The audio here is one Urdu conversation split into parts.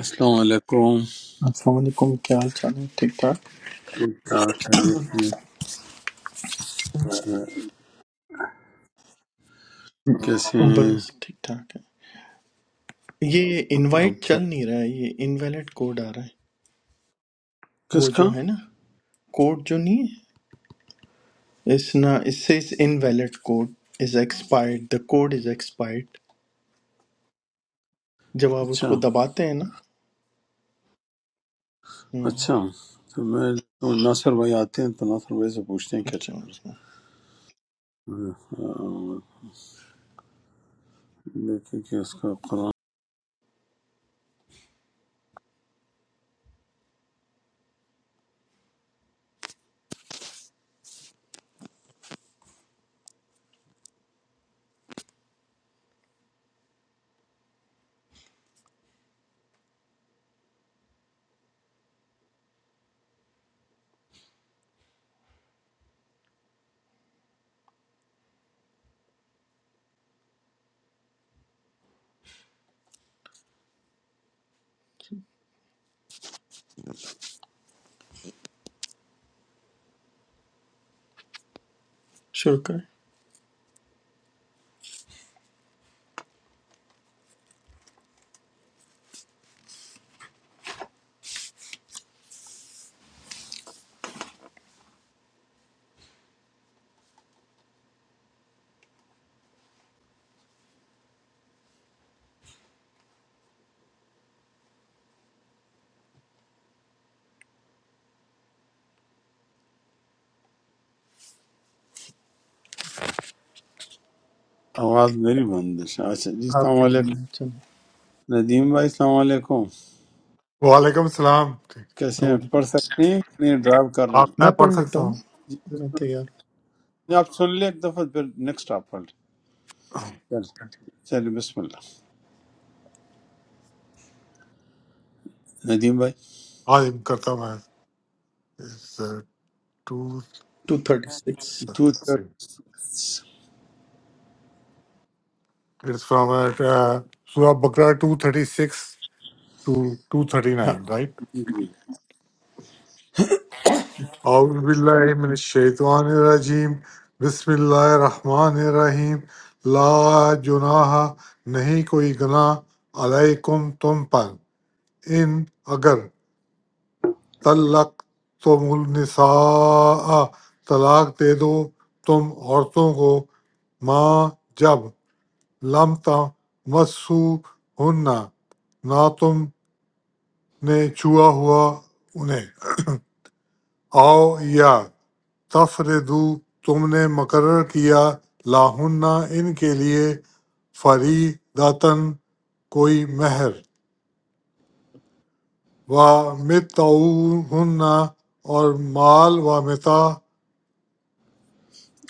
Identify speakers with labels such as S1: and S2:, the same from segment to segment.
S1: السلام علیکم
S2: السلام علیکم کیا حال چال ہے ٹھیک ٹھاک
S1: ٹھیک ٹھاک ہے، دیکھنے میں کیسے ہیں
S2: بس ٹھیک ٹھاک ہے یہ انوائٹ
S1: آپ
S2: چل نہیں رہا ہے یہ انویلڈ کوڈ آ رہا ہے وہ
S1: کس کا
S2: جو ہے نا کوڈ جو نہیں ہے اس نا اس سے اس invalid code is expired the code is expired جب آپ اس
S1: اچھا
S2: کو دباتے ہیں نا ہم،
S1: اچھا تو میں تو ناصر بھائی آتے ہیں تو ناصر بھائی سے پوچھتے ہیں کیا
S2: اچھا
S1: چکر ہے۔
S2: اچھا
S1: آہ، دیکھیں کہ اس کا قرآن
S2: شروع کریں
S1: آواز میری بند ہے شاید۔ اچھا جی
S2: آپ
S1: السلام
S2: کے بارے
S1: علیکم
S2: میں چلیں
S1: ندیم بھائی السلام علیکم
S3: وعلیکم السلام ٹھیک
S1: کیسے
S2: السلام
S1: ہیں
S2: علیکم
S1: پڑھ سکتے ہیں کہ نہیں ڈرائیو کر رہے
S3: آپ
S1: ہیں
S2: میں
S3: میں
S2: پڑھ
S3: پڑھ
S2: لیتا
S3: سکتا
S2: ہوں
S3: ہوں
S1: جی
S2: میں
S1: بسم
S2: تیار
S1: اللہ آپ سن لیں ایک دفعہ پھر نیکسٹ آپ پڑھ لیں چل- چلیے بسم اللہ ندیم بھائی
S3: ہاں جی، کرتا ہوں میں two
S2: two thirty six
S1: two
S3: thirty six
S1: third
S3: it's from سورہ بقرہ two thirty six two two thirty
S2: ہاں
S3: نائن رائٹ اعوذ باللہ من الشیطان الرجیم بسم اللہ الرحمن الرحیم لا جناح نہیں کوئی گناہ علیکم تم پر ان اگر طلق تم النساء طلاق دے دو تم عورتوں کو ماں جب لم مسو ہننا نہ تم نے چھوا ہوا انہیں آؤ یا تفردو تم نے مقرر کیا لاہنہ ان کے لیے فری داتن کوئی مہر و متعوہن اور مال و متا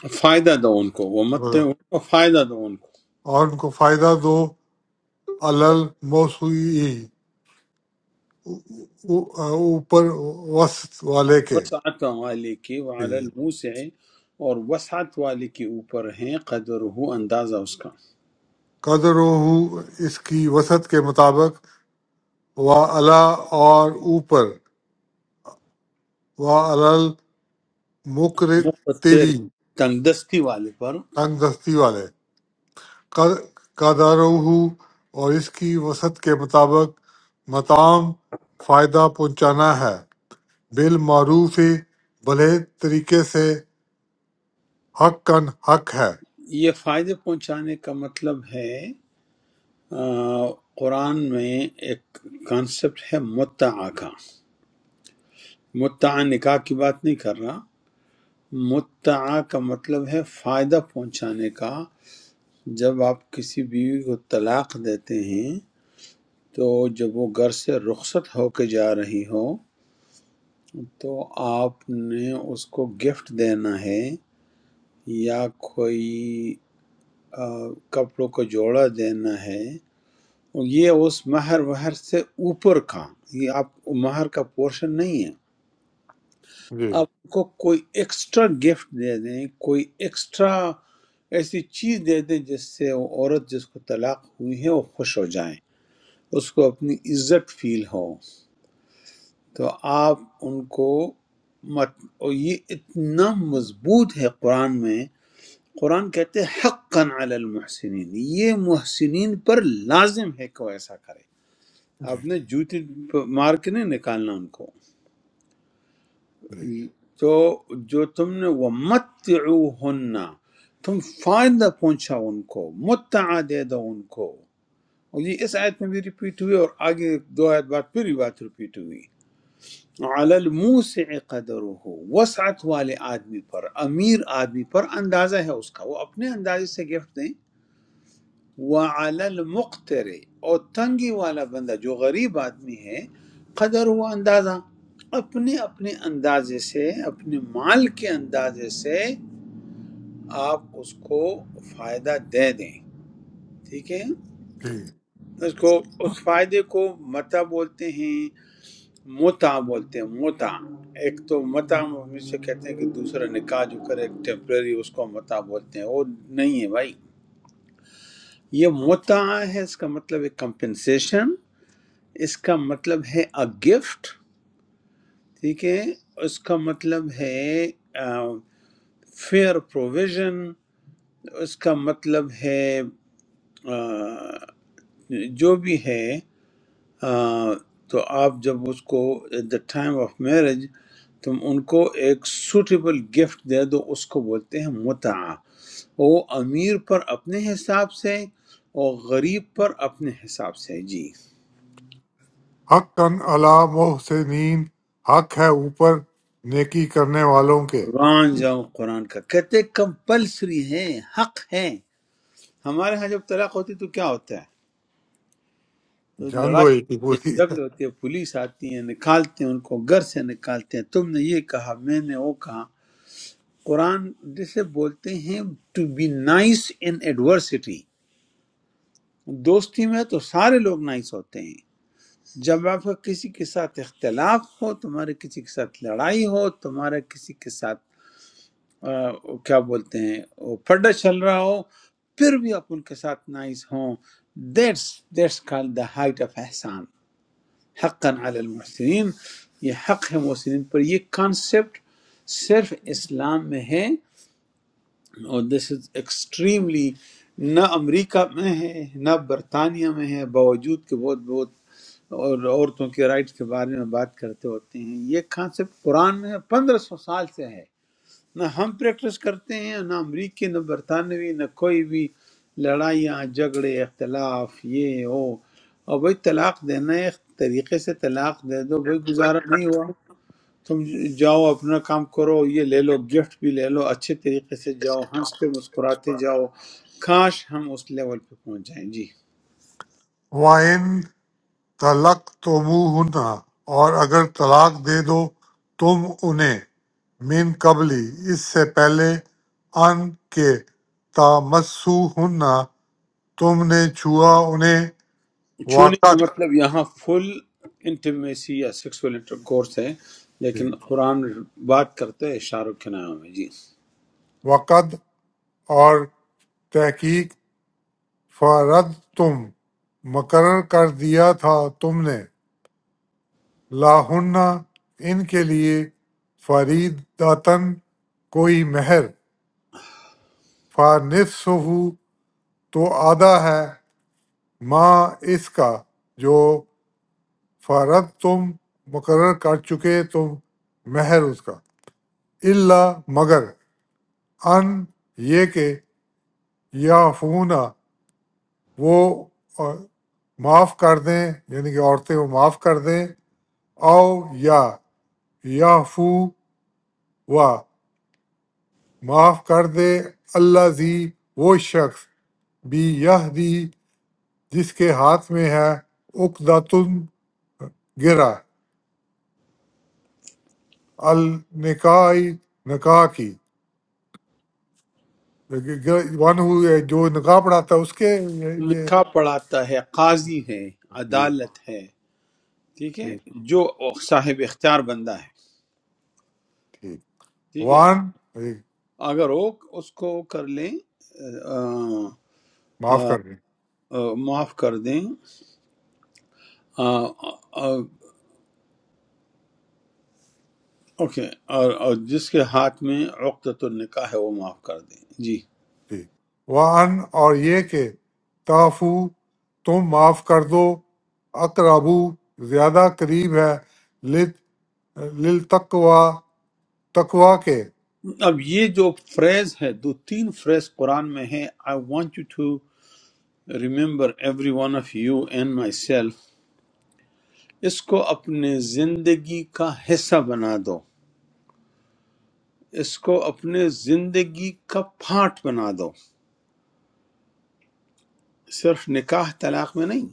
S1: فائدہ دو ان کو وہ مت ان کو فائدہ دو ان کو
S3: اور ان کو فائدہ دو الموسوی اوپر وسط والے کے
S1: وسعت والے کی وعلی الموسع اور وسعت والے کے اوپر ہیں قدر ہو اندازہ اس کا
S3: قدر ہو اس کی وسط کے مطابق و الا اور اوپر و الل مکر
S1: مقتر
S3: تیری
S1: تنگ دستی والے پر
S3: تنگ دستی والے قدر ہو اور اس کی وسط کے مطابق متام فائدہ پہنچانا ہے بالمعروف بھلے طریقے سے حق کن حق ہے
S1: یہ فائدے پہنچانے کا مطلب ہے آ، قرآن میں ایک کانسیپٹ ہے متعا کا متعا نکاح کی بات نہیں کر رہا متعا کا مطلب ہے فائدہ پہنچانے کا جب آپ کسی بیوی کو طلاق دیتے ہیں تو جب وہ گھر سے رخصت ہو کے جا رہی ہو تو آپ نے اس کو گفٹ دینا ہے یا کوئی آ، کپڑوں کا جوڑا دینا ہے اور یہ اس مہر وہر سے اوپر کا یہ آپ مہر کا پورشن نہیں ہے
S3: جی
S1: آپ کو کوئی ایکسٹرا گفٹ دے دیں کوئی ایکسٹرا ایسی چیز دے دیں جس سے وہ عورت جس کو طلاق ہوئی ہے وہ خوش ہو جائیں اس کو اپنی عزت فیل ہو تو آپ ان کو مت اور یہ اتنا مضبوط ہے قرآن میں قرآن کہتے ہیں حقا علی المحسنین یہ محسنین پر لازم ہے کہ وہ ایسا کرے
S3: جی
S1: آپ نے جوتی مار کے نہیں نکالنا ان کو
S3: جی
S1: تو جو تم نے وہ تم فائدہ پہنچا ان کو متعا دے دو ان کو اور یہ اس آیت میں بھی ریپیٹ ہوئی اور آگے دو آیت بعد پھر یہ بات ریپیٹ ہوئی علی الموسع قدرہ وسعت والے آدمی پر امیر آدمی پر اندازہ ہے اس کا وہ اپنے اندازے سے گفٹ دیں وعلی المقتر اور تنگی والا بندہ جو غریب آدمی ہے قدر ہوا اندازہ اپنے اپنے اندازے سے اپنے مال کے اندازے سے آپ اس کو فائدہ دے دیں ٹھیک ہے
S3: جی
S1: اس کو اس فائدے کو متا بولتے ہیں متع بولتے ہیں متع ایک تو متع ہم اسے کہتے ہیں کہ دوسرا نکاح جو کرے ٹیمپرری اس کو متع بولتے ہیں وہ نہیں ہے بھائی یہ متع ہے اس کا مطلب ہے کمپنسیشن اس کا مطلب ہے اے گفٹ ٹھیک ہے اس کا مطلب ہے فیئر پروویژن اس کا مطلب ہے آ، جو بھی ہے آ، تو آپ جب اس کو at the time of marriage تم ان کو ایک سوٹیبل گفٹ دے دو اس کو بولتے ہیں متعہ وہ امیر پر اپنے حساب سے اور غریب پر اپنے حساب سے جی
S3: حق کن اللہ محسنین حق ہے اوپر نیکی کرنے والوں کے
S1: قربان جاؤ قرآن کا کہتے کمپلسری ہے حق ہے ہمارے ہاں جب طلاق ہوتی تو کیا ہوتا ہے تو
S3: جنگ
S1: لڑائی
S3: ہوئی تھی
S1: ہوتی
S3: پوری
S1: ہے جھگڑے ہوتی ہے پولیس آتی ہے نکالتے ہیں ان کو گھر سے نکالتے ہیں تم نے یہ کہا میں نے وہ کہا قرآن جسے بولتے ہیں to be nice in adversity دوستی میں تو سارے لوگ نائس ہوتے ہیں جب آپ کا کسی کے ساتھ اختلاف ہو تمہارے کسی کے ساتھ لڑائی ہو تمہارا کسی کے ساتھ آ، کیا بولتے ہیں وہ پڈا چل رہا ہو پھر بھی آپ ان کے ساتھ نائس ہوں that's that's call the height of احسان حقا علی المحسنین یہ حق ہے محسنین پر یہ کانسیپٹ صرف اسلام میں ہے اور دس از ایکسٹریملی نہ امریکہ میں ہے نہ برطانیہ میں ہے باوجود کہ بہت بہت اور عورتوں کے رائٹس کے بارے میں بات کرتے ہوتے ہیں یہ کانسیپٹ قرآن میں پندرہ سو سال سے ہے نہ ہم پریکٹس کرتے ہیں نہ امریکی نہ برطانوی نہ کوئی بھی لڑائیاں جھگڑے اختلاف یہ ہو اور بھائی طلاق دینا ہے ایک طریقے سے طلاق دے دو بھائی گزارا نہیں ہوا تم جاؤ اپنا کام کرو یہ لے لو گفٹ بھی لے لو اچھے طریقے سے جاؤ ہنستے مسکراتے جاؤ کاش ہم اس لیول پہ پہنچ جائیں جی
S3: وَإِن طَلَّقْتُمُوهُنَّ اور اگر طلاق دے دو تم انہیں من قبلی اس سے پہلے ان کے تامسوہن تم نے چھوا انہیں
S1: چھونے کا
S3: وقت
S1: مطلب یہاں فل انٹیمیسی یا سیکسول انٹر کورس ہے
S3: جی۔
S1: لیکن قرآن بات کرتا ہے اشاروں کے نام ہے جی
S3: وقت اور تحقیق فَرَضْتُم مقرر کر دیا تھا تم نے لَہُنَّ ان کے لیے فَرِیدَةً کوئی مہر فَنِصْفُهُ تو آدھا ہے ما اس کا جو فَرَضْتُم مقرر کر چکے تم مہر اس کا الا مگر ان یہ کہ یعفونا وہ آ، معاف کر دیں یعنی کہ عورتیں وہ معاف کر دیں او یا یعفو وا معاف کر دے اللہ زی وہ شخص بھی یہ دی جس کے ہاتھ میں ہے اقداتن گرا النکائی نکاح کی ون ہو جو نکاح پڑھاتا ہے اس کے یہ یہ-
S1: نکاح پڑھاتا ہے قاضی ہے
S3: جی
S1: عدالت ہے ٹھیک ہے
S3: ٹھیک
S1: جو صاحب اختیار بندہ ہے
S3: ٹھیک
S1: ٹھیک ہے
S3: وان
S1: اگر وہ اس کو کر لیں آ،
S3: معاف کر دیں
S1: آ، معاف کر دیں آ، آ، اوکے اور اور جس کے ہاتھ میں عقدۃ النکاح ہے وہ معاف کر دیں جی
S3: دی۔ وَأَنْ اور یہ کہ تعفو تم معاف کر دو اقربو زیادہ قریب ہے لت للتقوا تقوا کے
S1: اب یہ جو فریز ہے دو تین فریز قرآن میں ہے I want you to remember every one of you and myself اس کو اپنے زندگی کا حصہ بنا دو اس کو اپنے زندگی کا پارٹ بنا دو صرف نکاح طلاق میں نہیں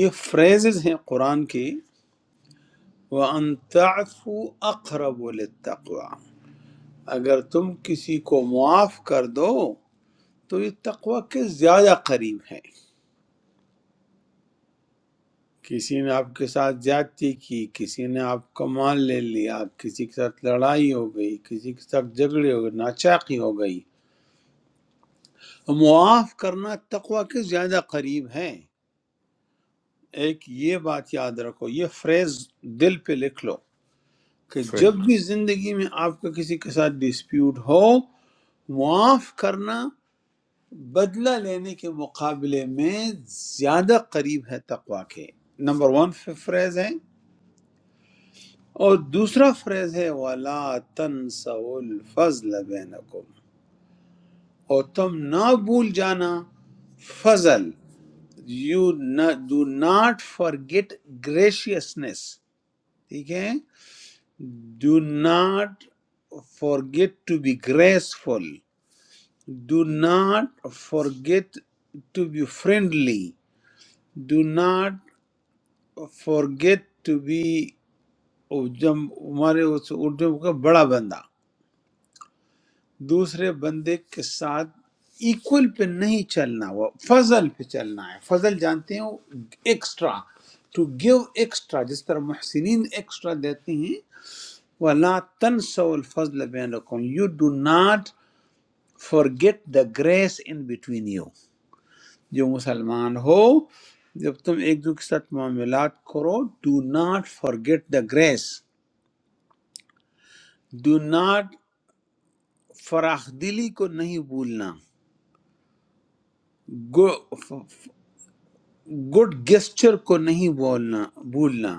S1: یہ فریزز ہیں قرآن کی وَأَن تَعْفُوا أَقْرَبُ لِلتَّقْوَى اگر تم کسی کو معاف کر دو تو یہ تقوی کے زیادہ قریب ہے کسی نے آپ کے ساتھ زیادتی کی کسی نے آپ کا مال لے لیا کسی کے ساتھ لڑائی ہو گئی کسی کے ساتھ جھگڑے ہو گئے ناچاقی ہو گئی معاف کرنا تقوی کے زیادہ قریب ہے ایک یہ بات یاد رکھو یہ فریز دل پہ لکھ لو کہ
S3: صحیح
S1: جب بھی زندگی میں آپ کا کسی کے ساتھ ڈسپیوٹ ہو معاف کرنا بدلہ لینے کے مقابلے میں زیادہ قریب ہے تقوا کے نمبر ون فریز ہے اور دوسرا فریز ہے وَلَا تَنْسَوُا الْفَضْلَ بَيْنَكُمْ اور تم نہ بھول جانا فضل you do not forget graciousness ٹھیک ہے do not forget to be graceful do not forget to be friendly do not forget to be جب ہمارے اس اردو کا بڑا بندہ دوسرے بندے کے ساتھ ایکول پہ نہیں چلنا وہ فضل پہ چلنا ہے فضل جانتے ہیں ایکسٹرا ٹو گیو ایکسٹرا جس طرح محسنین ایکسٹرا دیتے ہیں وَلَا تَنْسَوْا الْفَضْلَ بَيْنَكُمْ You do not forget the grace in between you جو مسلمان ہو جب تم ایک دوسرے کے ساتھ معاملات کرو do not forget the grace do not فراخ دلی کو نہیں بھولنا گڈ گیسچر کو نہیں بولنا بھولنا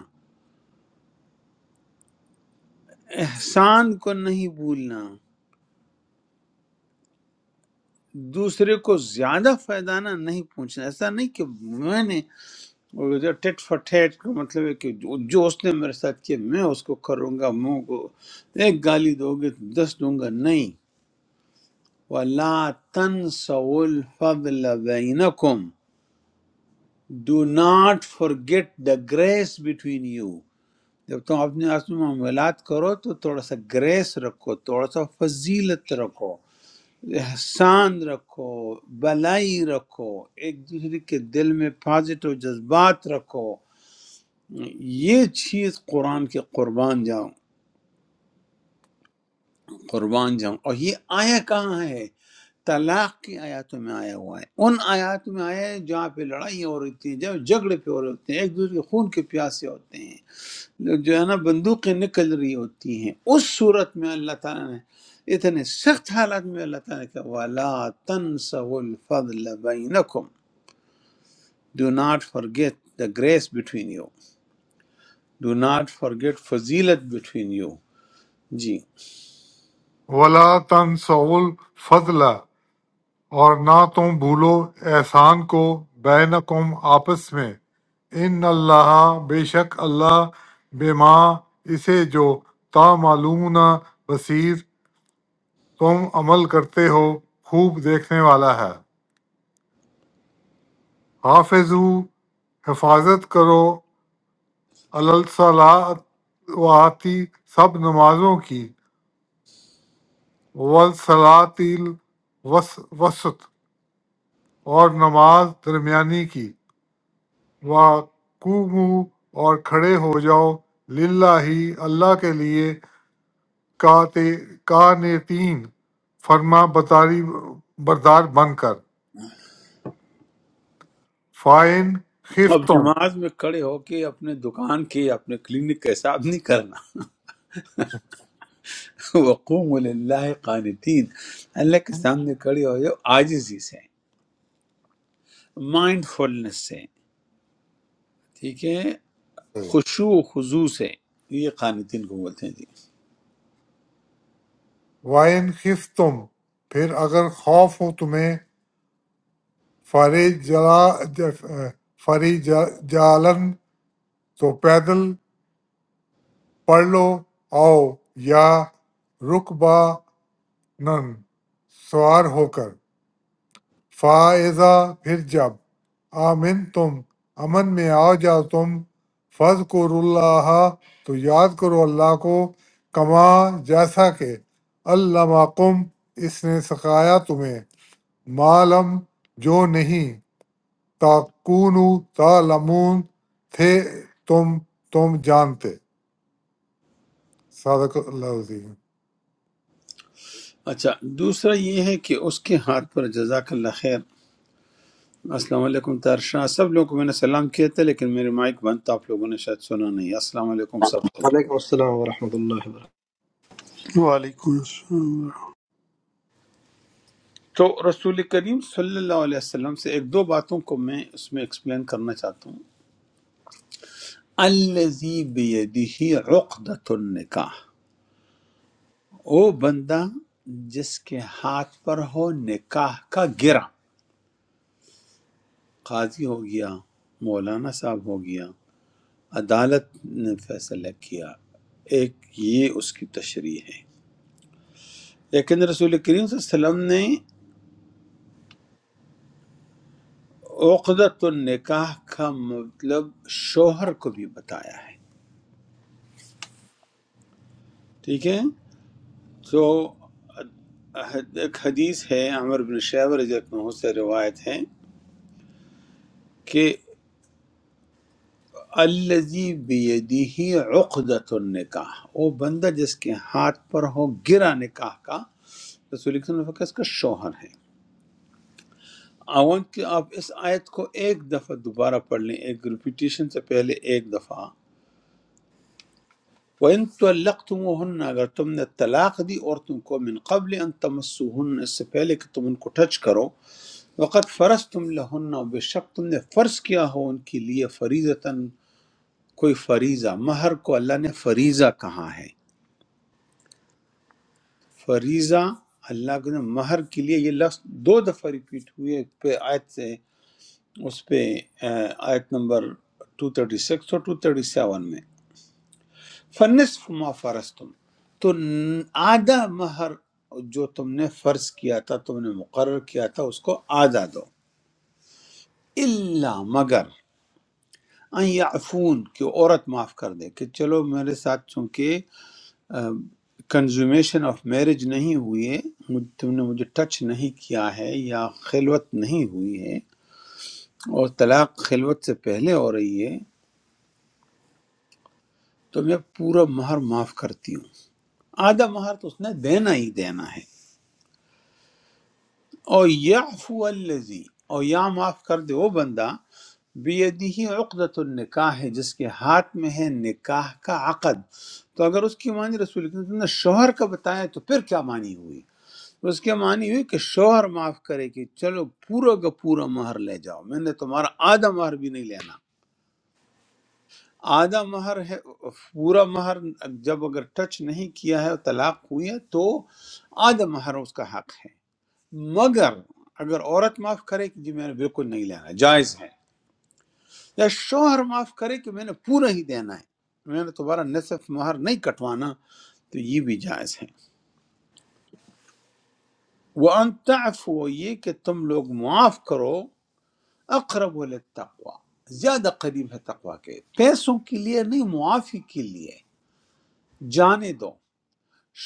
S1: احسان کو نہیں بھولنا دوسرے کو زیادہ فائدانہ نہیں پہنچنا ایسا نہیں کہ میں نے ٹیٹ فار ٹیٹ کا مطلب ہے کہ جو جو اس نے میرے ساتھ کیا میں اس کو کروں گا منہ کو ایک گالی دو گے تو دس دوں گا نہیں وَلَا تَنْسَوُا الْفَضْلَ بَيْنَكُمْ do not forget the grace between you جب تم اپنے آپس میں معاملات کرو تو تھوڑا سا گریس رکھو تھوڑا سا فضیلت رکھو احسان رکھو بلائی رکھو ایک دوسرے کے دل میں پازیٹو جذبات رکھو یہ چیز قرآن کے قربان جاؤ قربان جاؤں اور یہ آیا کہاں ہے طلاق کی آیاتوں میں آیا ہوا ہے ان آیات میں آیا ہے جہاں پہ لڑائی ہو رہی تھی جب جھگڑے پہ ہو رہے ہوتے ہیں ایک دوسرے کے خون کے پیاسے ہوتے ہیں جو ہے نا بندوقیں نکل رہی ہوتی ہیں اس صورت میں اللہ تعالیٰ نے اتنے سخت حالات میں اللہ تعالیٰ نے کہا وَلَا تَنْسَوُا الْفَضْلَ بَيْنَكُمْ Do not forget the grace between you. Do not forget فضیلت between you. جی
S3: ولا تنسول فضل اور نہ تم بھولو احسان کو بینکم آپس میں ان اللہ بے شک اللہ بما اسے جو تا معلوم بصیر تم عمل کرتے ہو خوب دیکھنے والا ہے حافظ حفاظت کرو الصلاواتی سب نمازوں کی والصلاتی وسط اور نماز درمیانی کی وقوم اور کھڑے ہو جاؤ للہ اللہ کے لیے کانتین فرما برداری بردار بن کر فائن
S1: اب
S3: خفتم
S1: نماز میں کھڑے ہو کے اپنے دکان کے اپنے کلینک کا حساب نہیں کرنا وقوم للہ قانتین اللہ کے سامنے کھڑے ہو جاؤ عاجزی سے مائنڈ فلنس سے ٹھیک ہے خشوع و خضوع سے یہ قانتین کو بولتے ہیں جی
S3: وَإِنْ خِفْتُمْ پھر اگر خوف ہو تمہیں فَرِجَالًا تو پیدل پڑھ لو آؤ یا رُکْبَانًا سوار ہو کر فَإِذَا پھر جب آمن تم امن میں آ جاؤ تم فض اللہ تو یاد کرو اللہ کو کما جیسا کہ علامہ کم اس نے سکھایا تمہیں معلم جو نہیں تاکونو تعلمون تھے تم تم جانتے صدق اللہ عظیم
S1: اچھا دوسرا یہ ہے کہ اس کے ہاتھ پر جزاک اللہ خیر السلام علیکم ترشاہ سب لوگوں کو میں نے سلام کیا تھا لیکن میرے مائک بند تھا آپ لوگوں نے شاید سنا نہیں السلام علیکم سب کو جی
S4: وعلیکم السلام ورحمۃ اللہ وبرکاتہ
S5: وعلیکم السلام
S1: تو رسول کریم صلی اللہ علیہ وسلم سے ایک دو باتوں کو میں اس میں ایکسپلین کرنا چاہتا ہوں الزی بیدہ عقدۃ النکاح وہ بندہ جس کے ہاتھ پر ہو نکاح کا گرہ قاضی ہو گیا مولانا صاحب ہو گیا عدالت نے فیصلہ کیا ایک یہ اس کی تشریح ہے لیکن رسول کریم صلی اللہ علیہ وسلم نے عقدت النکاح کا مطلب شوہر کو بھی بتایا ہے ٹھیک ہے تو ایک حدیث ہے عمر بن شیبر رضی اللہ عنہ سے روایت ہے کہ الزی بیدی عقدت النکاح وہ بندہ جس کے ہاتھ پر ہو گرا نکاح کا رسول اکرم صلی اللہ علیہ وسلم کا شوہر ہے آئی وانٹ کہ آپ اس آیت کو ایک دفعہ دوبارہ پڑھ لیں ایک ریپیٹیشن سے پہلے ایک دفعہ وَإِن طَلَّقْتُمُوهُنَّ اگر تم نے طلاق دی عورتوں کو من قبل ان تمسوهن اس سے پہلے کہ تم ان کو ٹچ کرو وقت فرض تم لہن بے شک تم نے فرض کیا ہو ان کے لیے فریضتاً کوئی فریضہ مہر کو اللہ نے فریضہ کہا ہے فریضہ اللہ کے نے مہر کے لیے یہ لفظ دو دفعہ ریپیٹ ہوئے پہ آیت سے اس پہ آ، آیت نمبر 236 اور 237 میں فنصف ما فرض تم تو ن- آدھا مہر جو تم نے فرض کیا تھا تم نے مقرر کیا تھا اس کو آدھا دو الا مگر ان یعفون کہ عورت معاف کر دے کہ چلو میرے ساتھ چونکہ کنزومیشن آف میرج نہیں ہوئی ہے مجھ- تم نے مجھے ٹچ نہیں کیا ہے یا خلوت نہیں ہوئی ہے اور طلاق خلوت سے پہلے ہو رہی ہے تو میں پورا مہر معاف کرتی ہوں آدھا مہر تو اس نے دینا ہی دینا ہے اور یعفو الذی اور یا معاف کر دے وہ بندہ بیدہی عقدۃ النکاح ہے جس کے ہاتھ میں ہے نکاح کا عقد تو اگر اس کی معنی رسول کریم صلی اللہ علیہ وسلم نے شوہر کا بتایا تو پھر کیا معنی ہوئی اس کے معنی ہوئی کہ شوہر معاف کرے کہ چلو پورا کا پورا مہر لے جاؤ میں نے تمہارا آدھا مہر بھی نہیں لینا آدھا مہر ہے پورا مہر جب اگر ٹچ نہیں کیا ہے طلاق ہوئی ہے تو آدھا مہر اس کا حق ہے مگر اگر عورت معاف کرے کہ جی میں نے بالکل نہیں لینا جائز ہے یا شوہر معاف کرے کہ میں نے پورا ہی دینا ہے میں نے تمہارا نصف مہر نہیں کٹوانا تو یہ بھی جائز ہے وہ انتعف ہو یہ کہ تم لوگ معاف کرو اقرب للتقوی زیادہ قریب ہے تقوی کے پیسوں کے لیے نہیں معافی کے لیے جانے دو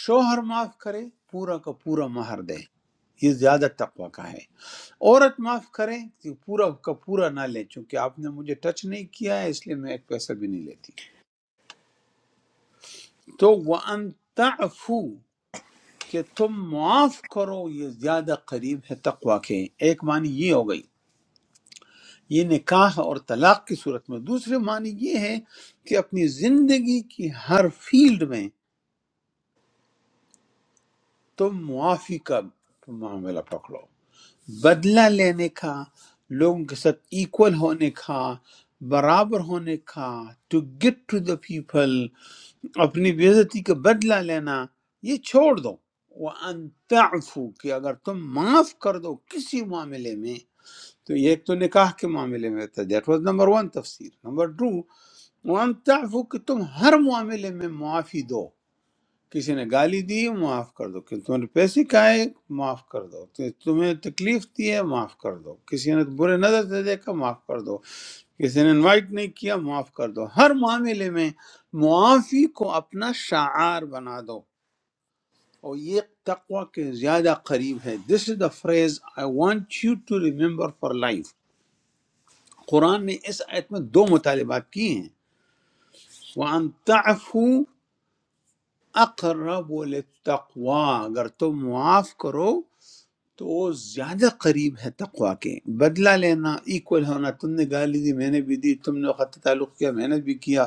S1: شوہر معاف کرے پورا کا پورا مہر دے یہ زیادہ تقوی کا ہے عورت معاف کرے تو پورا کا پورا نہ لے چونکہ آپ نے مجھے ٹچ نہیں کیا ہے اس لیے میں ایک پیسہ بھی نہیں لیتی تو وَأَن تَعْفُو کہ تم معاف کرو یہ زیادہ قریب ہے تقوی کے ایک معنی یہ ہو گئی یہ نکاح اور طلاق کی صورت میں دوسرے معنی یہ ہے کہ اپنی زندگی کی ہر فیلڈ میں تم معافی کا معاملہ پکڑو بدلہ لینے کا لوگوں کے ساتھ ایکول ہونے کا برابر ہونے کا to get to the people اپنی بےزتی کا بدلہ لینا یہ چھوڑ دو وَأَن تعفو کہ اگر تم معاف کر دو کسی معاملے میں تو یہ ایک تو نکاح کے معاملے میں تھا دیٹ واز نمبر ون تفسیر نمبر ٹو وَأَن تعفو کہ تم ہر معاملے میں معافی دو کسی نے گالی دی معاف کر دو کہ تم نے پیسے کھائے معاف کر دو کہ تمہیں تکلیف دی ہے معاف کر دو کسی نے برے نظر سے دیکھا معاف کر دو کسی نے انوائٹ نہیں کیا معاف کر دو ہر معاملے میں معافی کو اپنا شعار بنا دو اور یہ تقوی کے زیادہ قریب ہے this is the phrase I want you to remember for life Quran نے اس آیت میں دو مطالبات کیے ہیں وَأَن تَعْفُوا اقرب للتقوی اگر تم معاف کرو تو وہ زیادہ قریب ہے تقوا کے بدلہ لینا ایکول ہونا تم نے گالی دی میں نے بھی دی تم نے خط تعلق کیا میں نے بھی کیا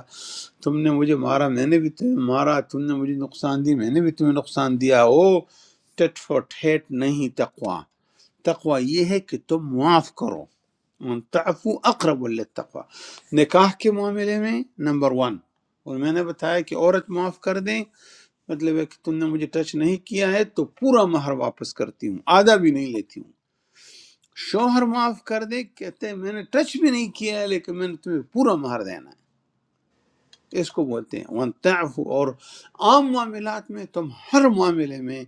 S1: تم نے مجھے مارا میں نے بھی تمہیں مارا تم نے مجھے نقصان دی میں نے بھی تمہیں نقصان دیا او ٹٹ فور ٹھیٹ نہیں تقوا تقوا یہ ہے کہ تم معاف کرو تعفو اقرب للتقوی نکاح کے معاملے میں نمبر ون اور میں نے بتایا کہ عورت معاف کر دیں مطلب ہے کہ تم نے مجھے ٹچ نہیں کیا ہے تو پورا مہر واپس کرتی ہوں آدھا بھی نہیں لیتی ہوں شوہر معاف کر دے کہتے ہیں میں نے ٹچ بھی نہیں کیا ہے لیکن میں نے تمہیں پورا مہر دینا ہے اس کو بولتے ہیں ون اور عام معاملات میں تم ہر معاملے میں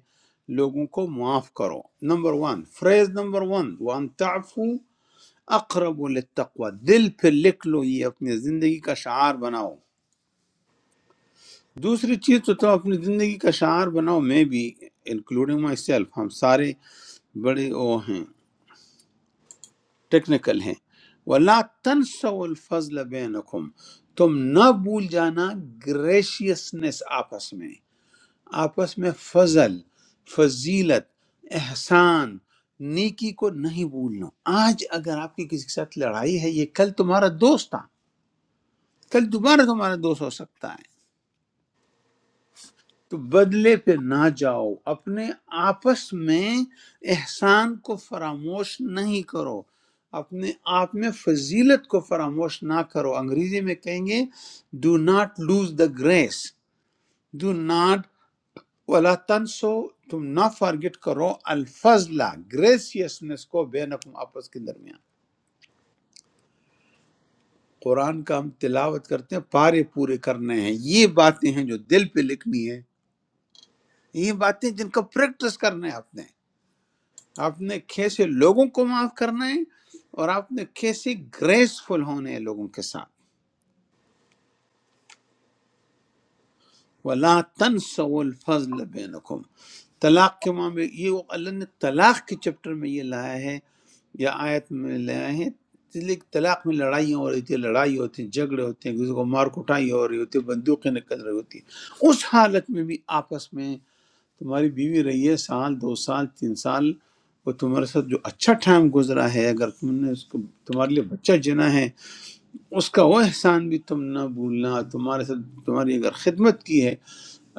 S1: لوگوں کو معاف کرو number one phrase number one one تعفو اقرب للتقوی دل پہ لکھ لو یہ اپنی زندگی کا شعار بناؤ دوسری چیز تو تم اپنی زندگی کا شعار بناؤ میں بھی انکلوڈنگ مائی سیلف ہم سارے بڑے وہ ہیں ٹیکنیکل ہیں وَلَا تَنْسَوْا الْفَضْلَ بَيْنَكُمْ تم نہ بھول جانا گریشیسنس آپس میں آپس میں فضل فضیلت احسان نیکی کو نہیں بھولنا آج اگر آپ کی کسی کے ساتھ لڑائی ہے یہ کل تمہارا دوست تھا کل دوبارہ تمہارا دوست ہو سکتا ہے تو بدلے پہ نہ جاؤ اپنے آپس میں احسان کو فراموش نہیں کرو اپنے آپ میں فضیلت کو فراموش نہ کرو انگریزی میں کہیں گے do not lose the grace do not ولا تنسو تم نہ فارگٹ کرو الفضلہ گریسیسنس کو بینکم آپس کے درمیان قرآن کا ہم تلاوت کرتے ہیں پارے پورے کرنے ہیں یہ باتیں ہیں جو دل پہ لکھنی ہے یہ باتیں جن کا پریکٹس کرنا ہے آپ نے آپ نے کیسے لوگوں کو معاف کرنا ہے اور آپ نے کیسے گریسفل ہونا ہے لوگوں کے ساتھ وَلَا تَنْسَوُا الْفَضْلَ بَيْنَكُمْ طلاق کے معاملے یہ وہ اللہ نے طلاق کے چپٹر میں یہ لایا ہے یا آیت میں لایا ہے اس لیے کہ طلاق میں لڑائیاں ہو رہی تھی لڑائی ہوتی ہیں جھگڑے ہوتے ہیں کسی کو مار کٹائی ہو رہی ہوتی ہے بندوقیں نکل رہی ہوتی ہیں اس حالت میں بھی آپس میں تمہاری بیوی رہی ہے سال دو سال تین سال وہ تمہارے ساتھ جو اچھا ٹائم گزرا ہے اگر تم نے اس کو تمہارے لیے بچہ جنا ہے اس کا وہ احسان بھی تم نہ بھولنا تمہارے ساتھ تمہاری اگر خدمت کی ہے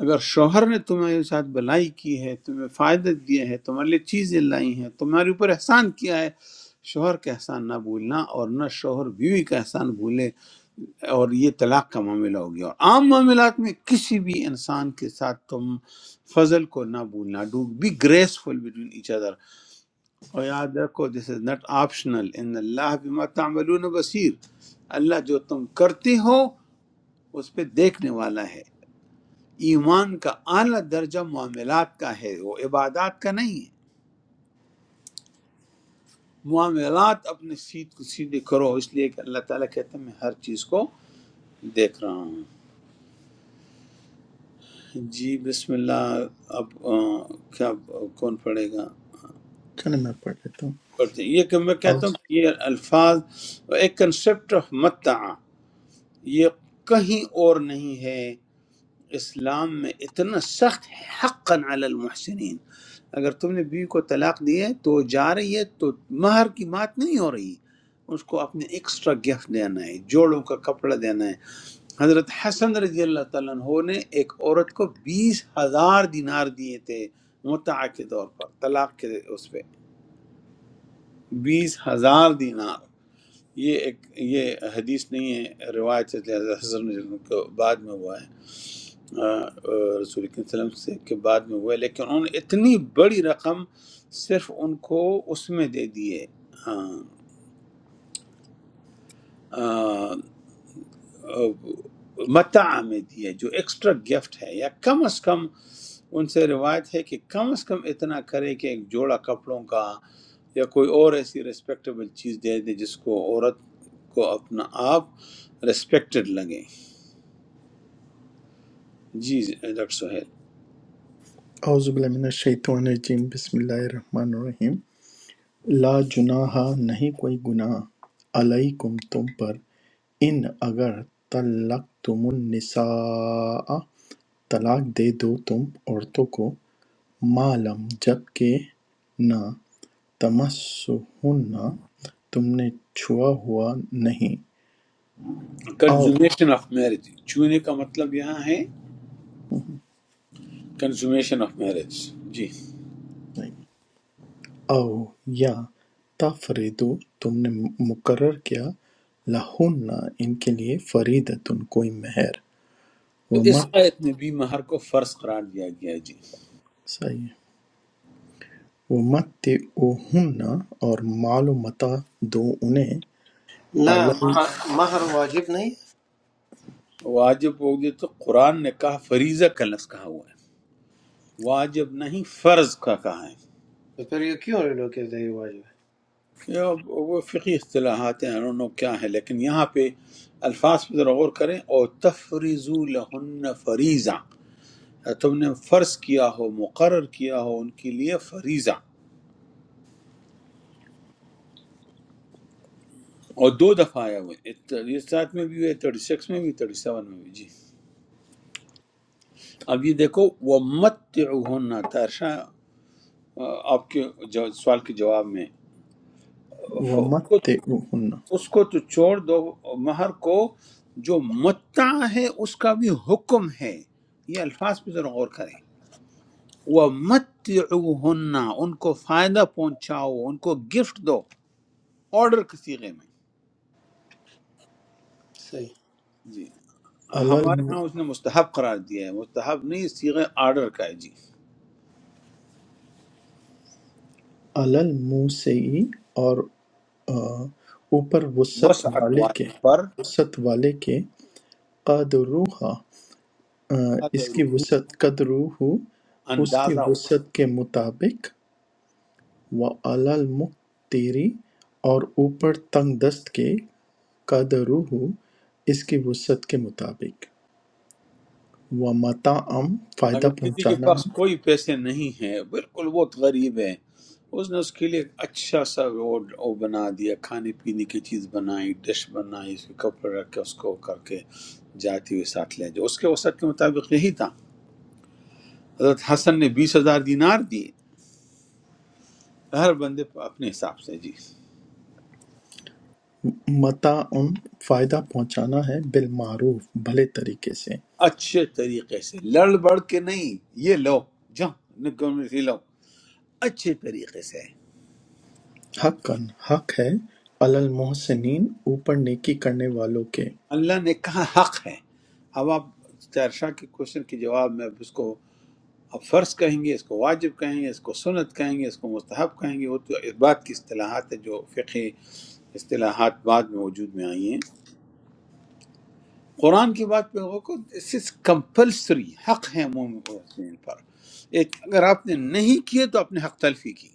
S1: اگر شوہر نے تمہارے ساتھ بلائی کی ہے تمہیں فائدہ دیا ہے تمہارے لیے چیزیں لائی ہیں تمہارے اوپر احسان کیا ہے شوہر کا احسان نہ بھولنا اور نہ شوہر بیوی کا احسان بھولے اور یہ طلاق کا معاملہ ہو گیا اور عام معاملات میں کسی بھی انسان کے ساتھ تم فضل کو نہ بھولنا do be graceful between each other اور یاد رکھو دس از ناٹ آپشنل ان اللہ بما تعملون بصیر اللہ جو تم کرتے ہو اس پہ دیکھنے والا ہے ایمان کا اعلیٰ درجہ معاملات کا ہے وہ عبادات کا نہیں ہے معاملات اپنے سیدھ کو سیدھے کرو اس لیے کہ اللہ تعالیٰ کہتا ہے میں ہر چیز کو دیکھ رہا ہوں جی بسم اللہ اب آ، کیا کون پڑھے گا
S2: چلیں میں پڑھ لیتا ہوں
S1: پڑھتے ہیں۔ یہ کہ میں کہتا
S2: اعوذ
S1: ہوں کہ یہ الفاظ ایک کنسپٹ آف متع یہ کہیں اور نہیں ہے اسلام میں اتنا سخت ہے، حقا علی المحسنین اگر تم نے بیوی کو طلاق دی ہے تو وہ جا رہی ہے تو مہر کی بات نہیں ہو رہی اس کو اپنے ایکسٹرا گفٹ دینا ہے جوڑوں کا کپڑا دینا ہے حضرت حسن رضی اللہ تعالیٰ عنہ نے ایک عورت کو بیس ہزار دینار دیے تھے متع کے طور پر طلاق کے اس پہ بیس ہزار دینار یہ ایک یہ حدیث نہیں ہے روایت سے لہذا حسن رضی اللہ عنہ کو بعد میں ہوا ہے آ، آ، رسول اکرم صلی اللہ علیہ وسلم سے کے بعد میں ہوئے لیکن انہوں نے اتنی بڑی رقم صرف ان کو اس میں دے دیے آ، آ، آ، متاع میں دیے جو ایکسٹرا گفٹ ہے یا کم از کم ان سے روایت ہے کہ کم از کم اتنا کرے کہ ایک جوڑا کپڑوں کا یا کوئی اور ایسی ریسپیکٹیبل چیز دے دے جس کو عورت کو اپنا آپ ریسپیکٹڈ لگے جی ڈاکٹر سہیل
S2: اعوذ باللہ من الشیطان الرجیم بسم اللہ الرحمن الرحیم لا جناح نہیں کوئی گناہ علیکم تم پر ان اگر طلقتم النساء طلاق دے دو تم عورتوں کو معلم جب کہ نہ تمسہن تم نے چھوا ہوا نہیں او
S1: کنزومیشن آف میرج چونے کا مطلب یہاں ہے کنزومیشن آف میرج جی
S2: او یا تفریدو تم نے مقرر کیا لہن ان کے لیے فریدتن کوئی مہر
S1: تو اس
S2: ومت
S1: آیت میں بھی مہر کو فرض قرار دیا گیا ہے جی
S2: صحیح وَمَتِّعْہُنَّ اور مال و متاع دو انہیں
S4: نہ مہر مہر واجب نہیں
S1: واجب ہو گیا تو قرآن نے کہا فریضہ کا لفظ کہا ہوا ہے واجب نہیں فرض کا کہا ہے
S4: تو پھر یہ کیوں یہ لوگ کہتے ہیں یہ واجب
S1: یہ وہ فقی اصطلاحات ہیں I don't know کیا ہے لیکن یہاں پہ الفاظ پہ ذرا غور کریں اور تفریضو لہن فریضہ تم نے فرض کیا ہو مقرر کیا ہو ان کے لیے فریضہ اور دو دفعہ آیا ہوا ہے اس ساتھ میں بھی ہے تھرٹی سکس میں بھی تھرٹی سیون میں بھی جی اب یہ دیکھو وہ مت ترشا آپ کے جو سوال کے جواب میں ف- اس کو
S2: وَمَتِّعْہُنَّ
S1: اس کو تو چھوڑ دو مہر کو جو متع ہے اس کا بھی حکم ہے یہ الفاظ پہ ذرا غور کریں وہ مت ان کو فائدہ پہنچاؤ ان کو گفٹ دو آرڈر کے سیغے میں
S4: ہے صحیح
S1: جی ہمارے ہاں اس
S2: عَلَى
S1: نے مستحب قرار دیا ہے مستحب نہیں سیغے آرڈر کا ہے جی
S2: الْمُوسِعِ اور آ، اوپر وسعت
S1: وسعت
S2: والے
S1: والے
S2: کے
S1: پر
S2: وسعت والے کے قدرہ اس کی
S1: قدرہ،
S2: وسعت قدرہ اس کی
S1: اندازہ
S2: وسعت کے مطابق وَعَلَى الْمُقْتِرِ اور اوپر تنگ دست کے قدرہ اس کی وسعت کے مطابق و متاعم فائدہ
S1: اگر کسی کے
S2: پہنچانا
S1: پاس
S2: ہے
S1: کوئی پیسے نہیں ہیں بالکل بہت غریب ہے اس نے اس کے لیے ایک اچھا سا وہ وہ بنا دیا کھانے پینے کی چیز بنائی ڈش بنائی اس کے کپڑے رکھ کے اس کو کر کے جاتی ہوئی ساتھ لے جاؤ اس کے وسعت کے مطابق یہی تھا حضرت حسن نے بیس ہزار دینار دیے ہر بندے پر اپنے حساب سے جی
S2: متاعم فائدہ پہنچانا ہے بالمعروف بھلے طریقے سے
S1: اچھے طریقے سے لڑ بڑ کے نہیں یہ لو جاؤ نکم سے لو اچھے طریقے سے
S2: حقاً حق ہے علی المحسنین اوپر نیکی کرنے والوں کے
S1: اللہ نے کہا حق ہے اب آپ تیرشاہ کے کوشچن کے جواب میں اب اس کو اب فرض کہیں گے اس کو واجب کہیں گے اس کو سنت کہیں گے اس کو مستحب کہیں گے وہ تو اس بات کی اصطلاحات ہے جو فقہی اصطلاحات بعد میں وجود میں آئی ہیں قرآن کی بات پہ لوگوں کو دس از کمپلسری حق ہے مومن پر ایک اگر آپ نے نہیں کیے تو آپ نے حق تلفی کی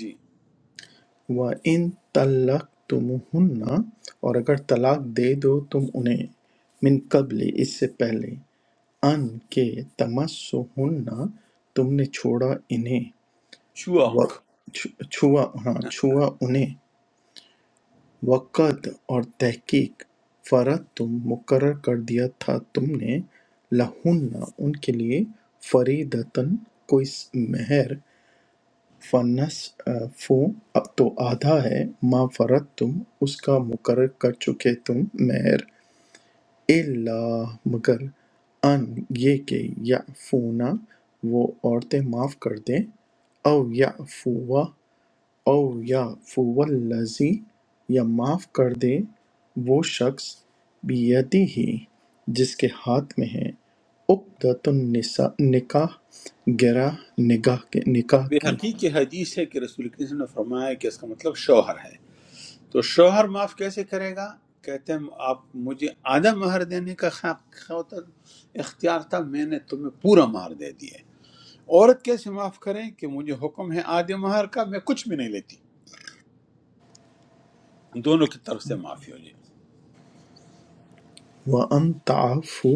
S1: جی
S2: و ان طلق تمہن، اور اگر طلاق دے دو تم انہیں من قبل اس سے پہلے ان کے تمسہن تم نے چھوڑا انہیں و
S1: شوانگ
S2: چھوا ہاں چھوا انہیں وقت اور تحقیق فَرَدْتُم مقرر کر دیا تھا تم نے لَہُنَّ ان کے لیے فَرِیضَةً کوئی مہر فَنِصْفُ تو آدھا ہے ما فَرَضْتُم اس کا مقرر کر چکے تم مہر اِلَّا مگر ان یہ کہ یعفونا وہ عورتیں معاف کر دیں او یعفو او یعفوالذی یا معاف کر دے وہ شخص بیدی ہی جس کے ہاتھ میں ہے عقدۃ النساء نکاح گرا نگاہ کے
S1: اور
S2: نکاح
S1: بے
S2: کی
S1: حقیق حدیث ہے کہ رسول کریم صلی اللہ علیہ وسلم نے فرمایا کہ اس کا مطلب شوہر ہے تو شوہر معاف کیسے کرے گا کہتے ہیں آپ مجھے آدھا مہر دینے کا خ- خ- اختیار تھا میں نے تمہیں پورا مہر دے دیے عورت کیسے معاف کریں کہ مجھے حکم ہے آدھے مہر کا میں کچھ بھی نہیں لیتی دونوں کی طرف سے معافی ہو جائے
S2: وَأَن تعفو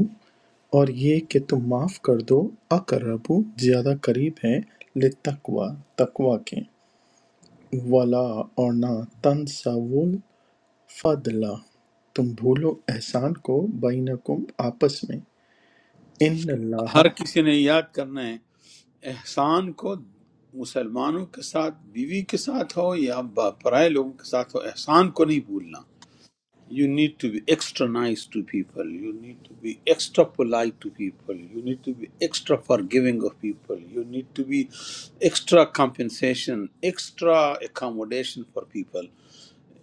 S2: اور یہ کہ تم معاف کر دو اقربو زیادہ قریب ہے لتقوا تقوا کے ولا اور نہ تنسوا الفضل تم بھولو احسان کو بینکم آپس میں ان اللہ
S1: ہر کسی نے یاد کرنا ہے احسان کو مسلمانوں کے ساتھ بیوی کے ساتھ ہو یا با- پرائے لوگوں کے ساتھ ہو احسان کو نہیں بھولنا You need to be extra nice to people. You need to be extra polite to people. You need to be extra forgiving of people. You need to be extra compensation, extra accommodation for people.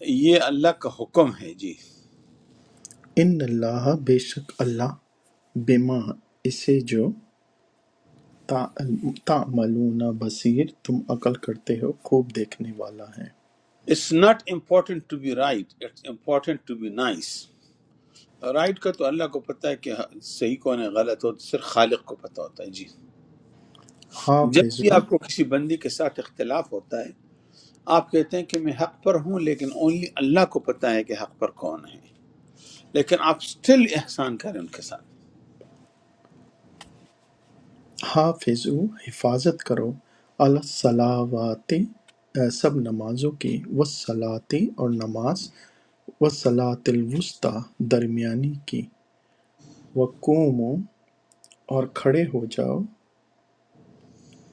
S1: یہ اللہ کا حکم ہے جی
S2: ان اللہ بے شک اللہ بما اسے جو تعملون بصیر تم عمل کرتے ہو خوب دیکھنے والا ہے
S1: it's not important to be right it's important to be nice right کا تو اللہ کو پتہ ہے کہ صحیح کون ہے غلط ہو صرف خالق کو پتہ ہوتا ہے جی جب بھی
S2: حافظو
S1: آپ کو کسی بندی کے ساتھ اختلاف ہوتا ہے آپ کہتے ہیں کہ میں حق پر ہوں لیکن اونلی اللہ کو پتہ ہے کہ حق پر کون ہے لیکن آپ سٹل احسان کریں ان کے ساتھ
S2: حافظو حفاظت کرو علی الصلاوات سب نمازوں کی وصلاتی اور نماز وصلاۃ الوسطی درمیانی کی وقوموں اور کھڑے ہو جاؤ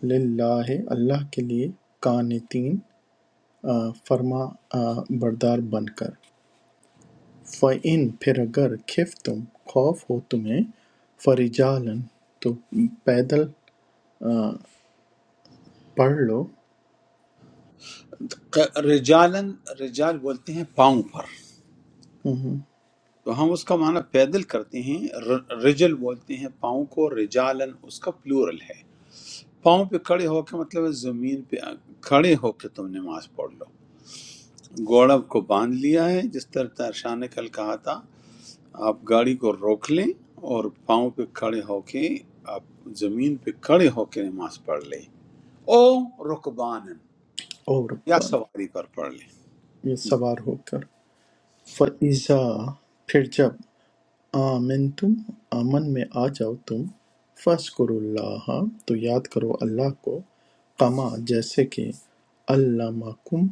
S2: للہ اللہ کے لیے قانتین آ، فرما آ، بردار بن کر فَإِن پھر اگر خف تم خوف ہو تمہیں فرجالن تو پیدل پڑھ لو
S1: رجالن رجال بولتے ہیں پاؤں پر
S2: ہم،
S1: تو ہم اس کا معنی پیدل کرتے ہیں ر- رجل بولتے ہیں پاؤں کو رجالن اس کا پلورل ہے پاؤں پہ کھڑے ہو کے مطلب ہے زمین پہ آ- کھڑے ہو کے تم نماز پڑھ لو گوڑب کو باندھ لیا ہے جس طرح ترشاہ نے کل کہا تھا آپ گاڑی کو روک لیں اور پاؤں پہ کھڑے ہو کے آپ زمین پہ کھڑے ہو کے نماز پڑھ لیں او رکبان
S2: عورت
S1: یا
S2: بن
S1: سواری پر پڑھ لیں
S2: یہ سوار ہو کر فَإِذَا پھر جب آمنتم امن میں آ جاؤ تم فاذکروا اللہ تو یاد کرو اللہ کو کما جیسے کہ علمکم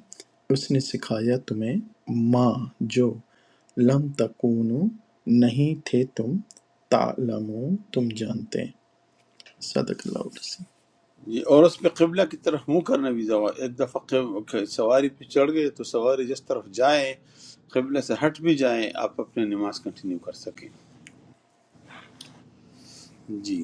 S2: اس نے سکھایا تمہیں ما جو لم تکونو نہیں تھے تم تعلمون تم جانتے صدق اللہ العظیم
S1: جی اور اس پہ قبلہ کی طرف منہ کرنا بھی زوا ایک دفعہ قب- کہ سواری پہ چڑھ گئے تو سواری جس طرف جائے قبلہ سے ہٹ بھی جائے آپ اپنے نماز کنٹینیو کر سکیں جی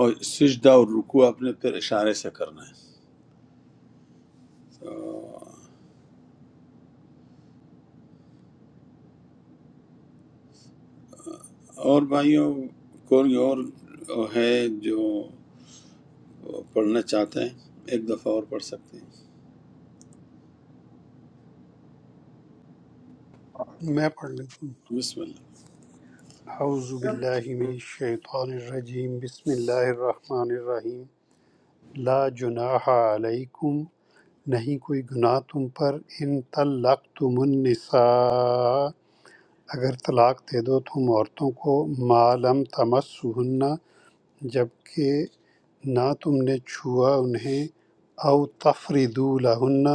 S1: اور سجدہ اور رکوع آپ نے پھر اشارے سے کرنا ہے آ، اور بھائیوں کوئی اور ہے جو پڑھنا چاہتے ہیں ایک دفعہ اور پڑھ سکتے ہیں
S5: میں پڑھ لیتا ہوں
S1: بسم اللہ
S5: اعوذ باللہ من الشیطان الرجیم بسم اللہ الرحمن الرحیم لا جناح علیکم نہیں کوئی گناہ تم پر ان طلقتم النساء اگر طلاق دے دو تم عورتوں کو ما لم تمسہن جبکہ نہ تم نے چھوا انہیں او تفریدو لہن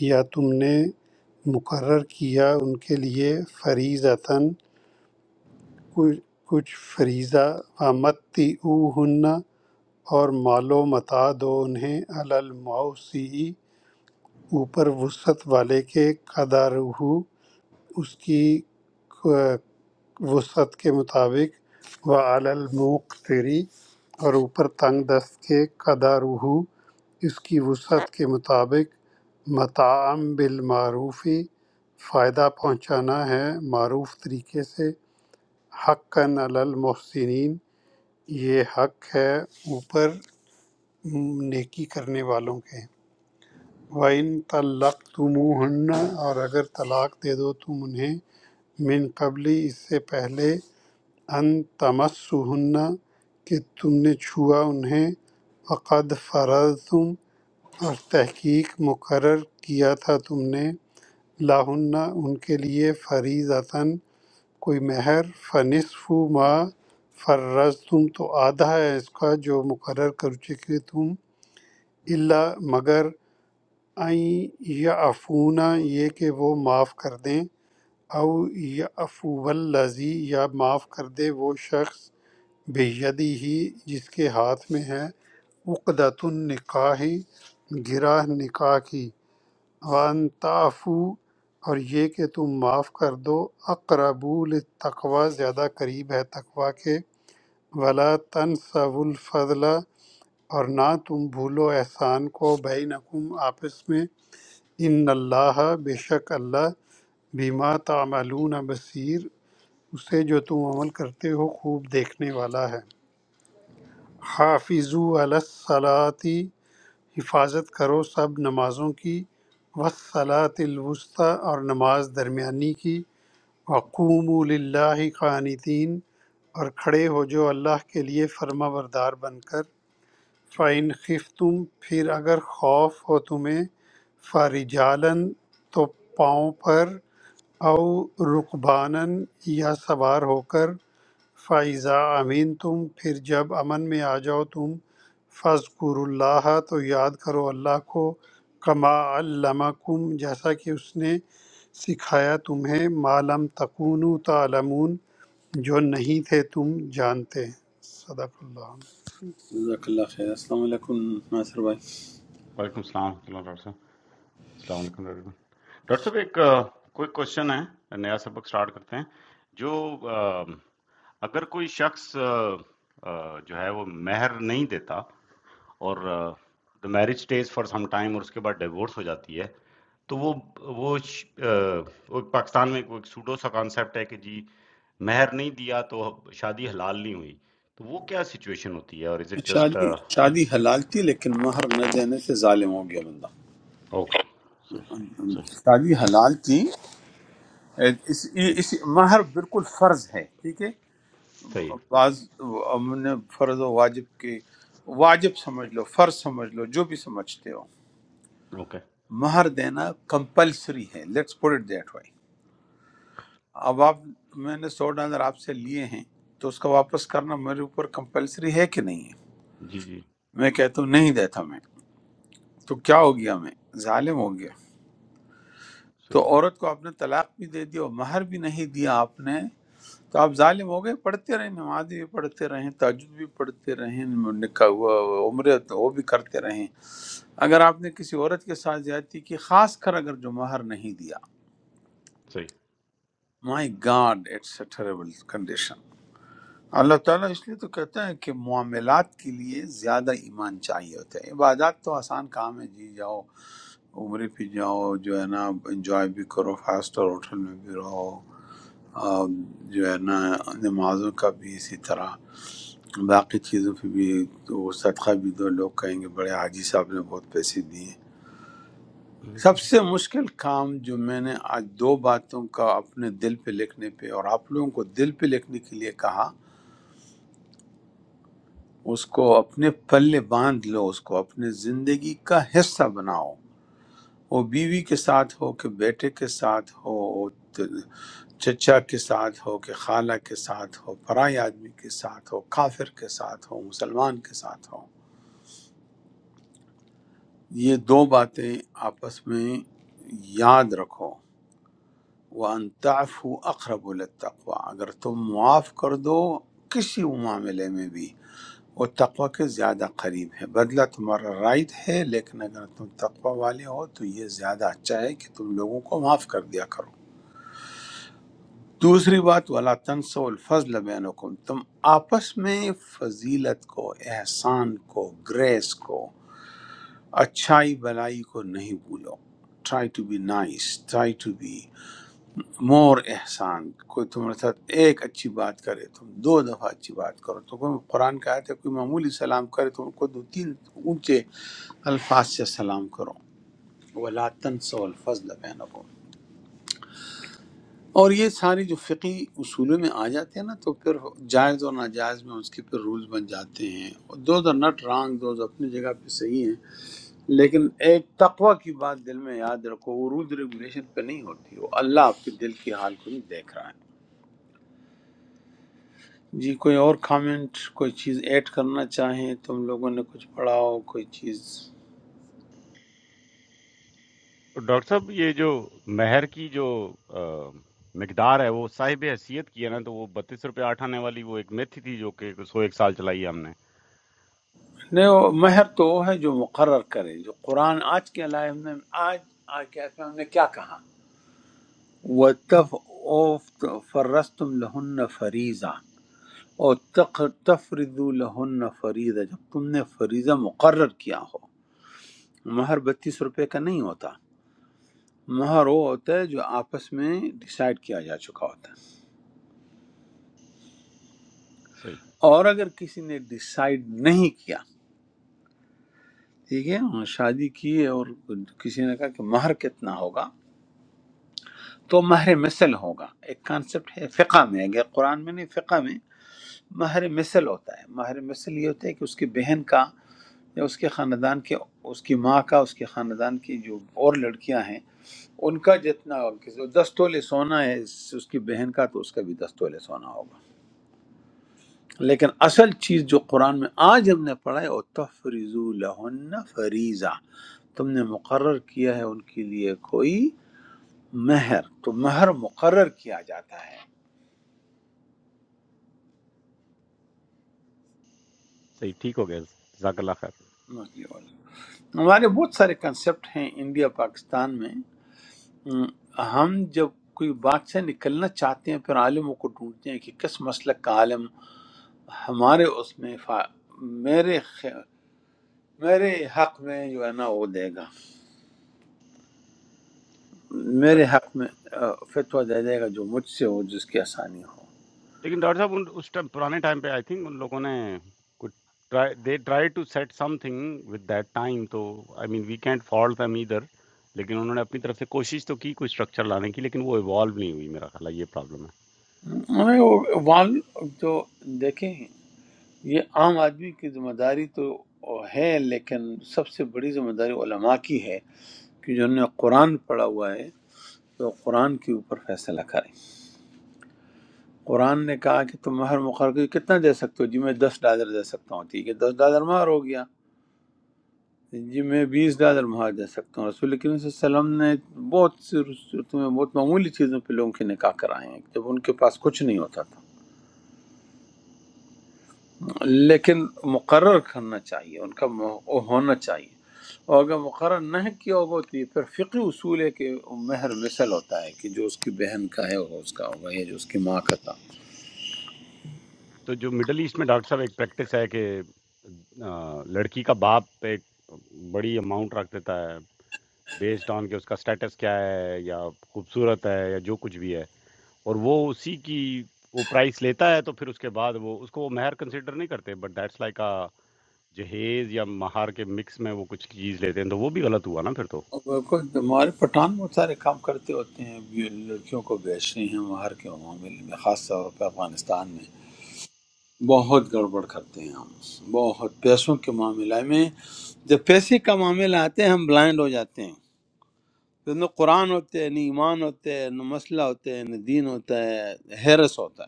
S5: یا تم نے مقرر کیا ان کے لیے فریضتاً کچھ کچھ فریضہ ومتی اور مال و متا دو انہیں الموسی اوپر وسعت والے کے قدر ہو اس کی ق- وسعت کے مطابق و المقتری اور اوپر تنگ دست کے قدر ہو اس کی وسعت کے مطابق متعم بالمعروفی فائدہ پہنچانا ہے معروف طریقے سے حقاً علی المحسنین یہ حق ہے اوپر نیکی کرنے والوں کے وَإِن طَلَّقْتُمُوهُنَّ اور اگر طلاق دے دو تم انہیں من قبلی اس سے پہلے ان تمسہن کہ تم نے چھوا انہیں فقد فرضتم اور تحقیق مقرر کیا تھا تم نے لاہن ان کے لیے فریضتاً کوئی مہر فنصف ما فرض تم تو آدھا ہے اس کا جو مقرر کر چکے تم اللہ مگر این یا افونا یہ کہ وہ معاف کر دیں او یا افو الزی یا معاف کر دے وہ شخص بیدی ہی جس کے ہاتھ میں ہے عقدۃ النکاح گرہ نکاح کی وَأَن تَعْفُوا اور یہ کہ تم معاف کر دو اقرب للتقوی زیادہ قریب ہے تقوی کے ولا تنسوا الفضل اور نہ تم بھولو احسان کو بینکم آپس میں ان اللہ بے شک اللہ بما تعملون بصیر اسے جو تم عمل کرتے ہو خوب دیکھنے والا ہے حافظو علی الصلاۃ حفاظت کرو سب نمازوں کی وسلاۃ الوسطی اور نماز درمیانی کی وقوم للہ قانتین اور کھڑے ہو جو اللہ کے لیے فرما بردار بن کر فَإِنْ خفتم پھر اگر خوف ہو تمہیں فارجالن تو پاؤں پر او رکبانن یا سوار ہو کر فَإِذَا أَمِنْتُمْ پھر جب امن میں آ جاؤ تم فَاذْكُرُوا اللَّهَ تو یاد کرو اللہ کو کما علمکم جیسا کہ اس نے سکھایا تمہیں ما لم تکونوا تعلمون جو نہیں تھے تم جانتے صدق اللہ
S1: جزاک اللہ خیر السلام علیکم ناصر بھائی
S6: वालेकुम सलाम वरहमतुल्लाह डॉक्टर साहब अस्सलाम वालेकुम डॉक्टर साहब डॉक्टर साहब एक कोई क्वेश्चन है नया सबक स्टार्ट करते हैं जो अ, अगर कोई शख्स अ, अ, जो है वो मेहर नहीं देता और the marriage stage for some time और उसके बाद डिवोर्स हो जाती है तो वो वो श- अ, वो पाकिस्तान में कोई सूडो सा कॉन्सेप्ट है कि जी मेहर नहीं दिया तो शादी हलाल नहीं हुई तो वो क्या सिचुएशन होती है और इज इट जस्ट
S1: شادی حلال تھی لیکن مہر نہ دینے سے ظالم ہو گیا بندہ
S6: ओके सही सही
S1: شادی حلال تھی اس, اس مہر بالکل فرض ہے ٹھیک ہے
S6: सही
S1: بعض ہم نے فرض و واجب کی واجب سمجھ لو فرض سمجھ لو جو بھی سمجھتے ہو
S6: ओके
S1: مہر دینا کمپلسری ہے let's put it that way. اب آپ میں نے سو ڈالر آپ سے لیے ہیں تو اس کا واپس کرنا میرے اوپر کمپلسری ہے کہ نہیں ہے
S6: जी, जी।
S1: میں کہتا ہوں نہیں دیتا میں تو کیا ہو گیا میں ظالم ہو گیا
S6: सही,
S1: تو عورت کو آپ نے طلاق بھی دے دی اور مہر بھی نہیں دیا آپ نے تو آپ ظالم ہو گئے پڑھتے رہیں نماز بھی پڑھتے رہیں تاجد بھی پڑھتے رہیں نکاح ہوا عمرے تو وہ بھی کرتے رہیں اگر آپ نے کسی عورت کے ساتھ زیادتی کی خاص کر اگر جو مہر نہیں دیا
S6: सही।
S1: My god it's a terrible condition Allah تعالیٰ اس لیے تو کہتا ہے کہ معاملات کے لیے زیادہ ایمان چاہیے ہوتا ہے عبادات تو آسان کام ہے جی جاؤ عمرے پہ جاؤ جو ہے نا انجوائے بھی کرو فاسٹ اور ہوٹل میں بھی رہو اور جو ہے نا نمازوں کا بھی اسی طرح باقی چیزوں پہ بھی تو صدقہ بھی دو لوگ کہیں گے بڑے حاجی صاحب نے بہت پیسے دیے
S6: हुँ,
S1: سب
S6: हुँ।
S1: سے مشکل کام جو میں نے آج دو باتوں کا اپنے دل پہ لکھنے پہ اور آپ لوگوں کو دل پہ لکھنے کے لیے کہا اس کو اپنے پلے باندھ لو اس کو اپنے زندگی کا حصہ بناؤ وہ بیوی کے ساتھ ہو کہ بیٹے کے ساتھ ہو وہ ت- چچا کے ساتھ ہو کہ خالہ کے ساتھ ہو پرائی آدمی کے ساتھ ہو کافر کے ساتھ ہو مسلمان کے ساتھ ہو یہ دو باتیں آپس میں یاد رکھو وَأَن تعفو اقرب للتقوی اگر تم معاف کر دو کسی معاملے میں بھی وہ تقوی کے زیادہ قریب ہے بدلہ تمہارا رائٹ ہے لیکن اگر تم تقوی والے ہو تو یہ زیادہ اچھا ہے کہ تم لوگوں کو معاف کر دیا کرو دوسری بات ولا تنسوا الفضل بینکم تم آپس میں فضیلت کو احسان کو گریس کو اچھائی بلائی کو نہیں بھولو try to be nice try to be more احسان کوئی تمہارے ساتھ ایک اچھی بات کرے تم دو دفعہ اچھی بات کرو تو کوئی قرآن کا آیت ہے کوئی معمولی سلام کرے تم کو دو تین اونچے الفاظ سے سلام کرو ولا تنسوا الفضل بینکم اور یہ ساری جو فقی اصولوں میں آ جاتے ہیں نا تو پھر جائز اور ناجائز میں اس کے پھر رولز بن جاتے ہیں those are not wrong those اپنی جگہ پہ صحیح ہیں لیکن ایک تقوی کی بات دل میں یاد رکھو وہ رولز ریگولیشن پہ نہیں ہوتی وہ اللہ آپ کے دل کی حال کو نہیں دیکھ رہا ہے جی کوئی اور کامنٹ کوئی چیز ایڈ کرنا چاہیں تم لوگوں نے کچھ پڑھا ہو کوئی چیز
S6: डॉक्टर साहब ये जो मेहर की जो अ, मिक़दार है वो साहिब-ए-हैसियत की है ना, तो वो ₹32 आठ आने वाली वो एक मेथी थी जो कि 101 साल चलाई है हमने।
S1: نہیں وہ مہر تو وہ ہے جو مقرر کرے جو قرآن آج کے لائے ہم نے آج آج کے آیت میں ہم نے کیا کہا وَتَفْ فَرَّسْتُمْ لَهُنَّ فَرِيزًا اور تق تفرضو لہن فریضہ جب تم نے فریضہ مقرر کیا ہو مہر بتیس روپے کا نہیں ہوتا مہر وہ ہوتا ہے جو آپس میں ڈیسائیڈ کیا جا چکا ہوتا ہے
S6: सही,
S1: اور اگر کسی نے ڈیسائیڈ نہیں کیا ٹھیک ہے ہاں، شادی کی اور کسی نے کہا کہ مہر کتنا ہوگا تو مہر مثل ہوگا ایک کانسیپٹ ہے فقہ میں اگر قرآن میں نہیں فقہ میں مہر مثل ہوتا ہے مہر مثل یہ ہوتا ہے کہ اس کی بہن کا یا اس کے خاندان کے اس کی ماں کا اس کے خاندان کی جو اور لڑکیاں ہیں ان کا جتنا کسی- دس تولے سونا ہے اس اس کی بہن کا تو اس کا بھی دس تولے سونا ہوگا لیکن اصل چیز جو قرآن میں آج ہم نے پڑھا ہے وہ تفریضو لہن فریضہ تم نے مقرر کیا ہے ان کے لیے کوئی مہر تو مہر مقرر کیا جاتا ہے
S6: सही। ठीक हो गया। जज़ाकल्लाह ख़ैर।
S1: ہمارے بہت سارے کنسپٹ ہیں انڈیا پاکستان میں ہم ہم جب کوئی بات سے نکلنا چاہتے ہیں پھر عالموں کو ڈھونڈتے ہیں کہ کس مسلک کا عالم ہمارے اس میں فا... میرے خ... میرے حق میں جو ہے نا وہ دے گا
S6: अ,
S1: میرے حق میں آ، فتویٰ دے دے گا جو مجھ سے ہو جس کی آسانی ہو
S6: लेकिन डॉक्टर साहब उन उस टाइम पुराने टाइम पे आई थिंक उन लोगों ने कुछ try they tried to set something with that time तो I mean we can't fault them either लेकिन उन्होंने अपनी तरफ से कोशिश तो की कोई स्ट्रक्चर लाने की, लेकिन वो इवॉल्व नहीं हुई मेरा ख़्याल है ये प्रॉब्लम है।
S1: ہمیں وہ وال جو دیکھیں یہ عام آدمی کی ذمہ داری تو ہے لیکن سب سے بڑی ذمہ داری علماء کی ہے کہ جنہوں نے قرآن پڑھا ہوا ہے تو قرآن کے اوپر فیصلہ کریں قرآن نے کہا کہ تم مہر مقرر کر کے کتنا دے سکتے ہو جی میں دس ڈالر دے سکتا ہوں ٹھیک ہے دس ڈالر مہر ہو گیا جی میں بیس ڈالر مہار دے سکتا ہوں رسول کریم صلی اللہ علیہ وسلم نے بہت سی صورتوں میں بہت معمولی چیزوں پہ لوگوں کے نکاح کرائے ہیں جب ان کے پاس کچھ نہیں ہوتا تھا لیکن مقرر کرنا چاہیے ان کا مو- ہونا چاہیے اور اگر مقرر نہ کیا ہوگا تو یہ پھر فقی اصول ہے کہ مہر مثل ہوتا ہے کہ جو اس کی بہن کا ہے وہ اس کا ہوگا یا جو اس کی ماں کا تھا
S6: तो जो मिडल ईस्ट में डॉक्टर साहब एक प्रैक्टिस है कि अ, लड़की का बाप एक बड़ी अमाउंट रख देता है बेस्ड ऑन के उसका स्टेटस क्या है या खूबसूरत है या जो कुछ भी है और वो उसी की वो प्राइस लेता है तो फिर उसके बाद वो उसको वो महर कंसिडर नहीं करते बट दैट्स लाइक अ जहेज या महार के मिक्स में वो कुछ चीज़ लेते हैं तो वो भी गलत हुआ ना फिर तो
S1: اور کوئی- ہمارے پٹھان بہت سارے کام کرتے ہوتے ہیں یہ لڑکیوں کو بیچ رہے ہیں مہر کے معاملے میں خاص طور پہ افغانستان میں بہت گڑبڑ کرتے ہیں ہم بہت پیسوں کے معاملہ میں جب پیسے کا معاملہ آتے ہیں ہم بلائنڈ ہو جاتے ہیں تو نہ قرآن ہوتے ہیں نہ ایمان ہوتے ہیں نہ مسئلہ ہوتے ہیں نہ دین ہوتا ہے ہیرس ہوتا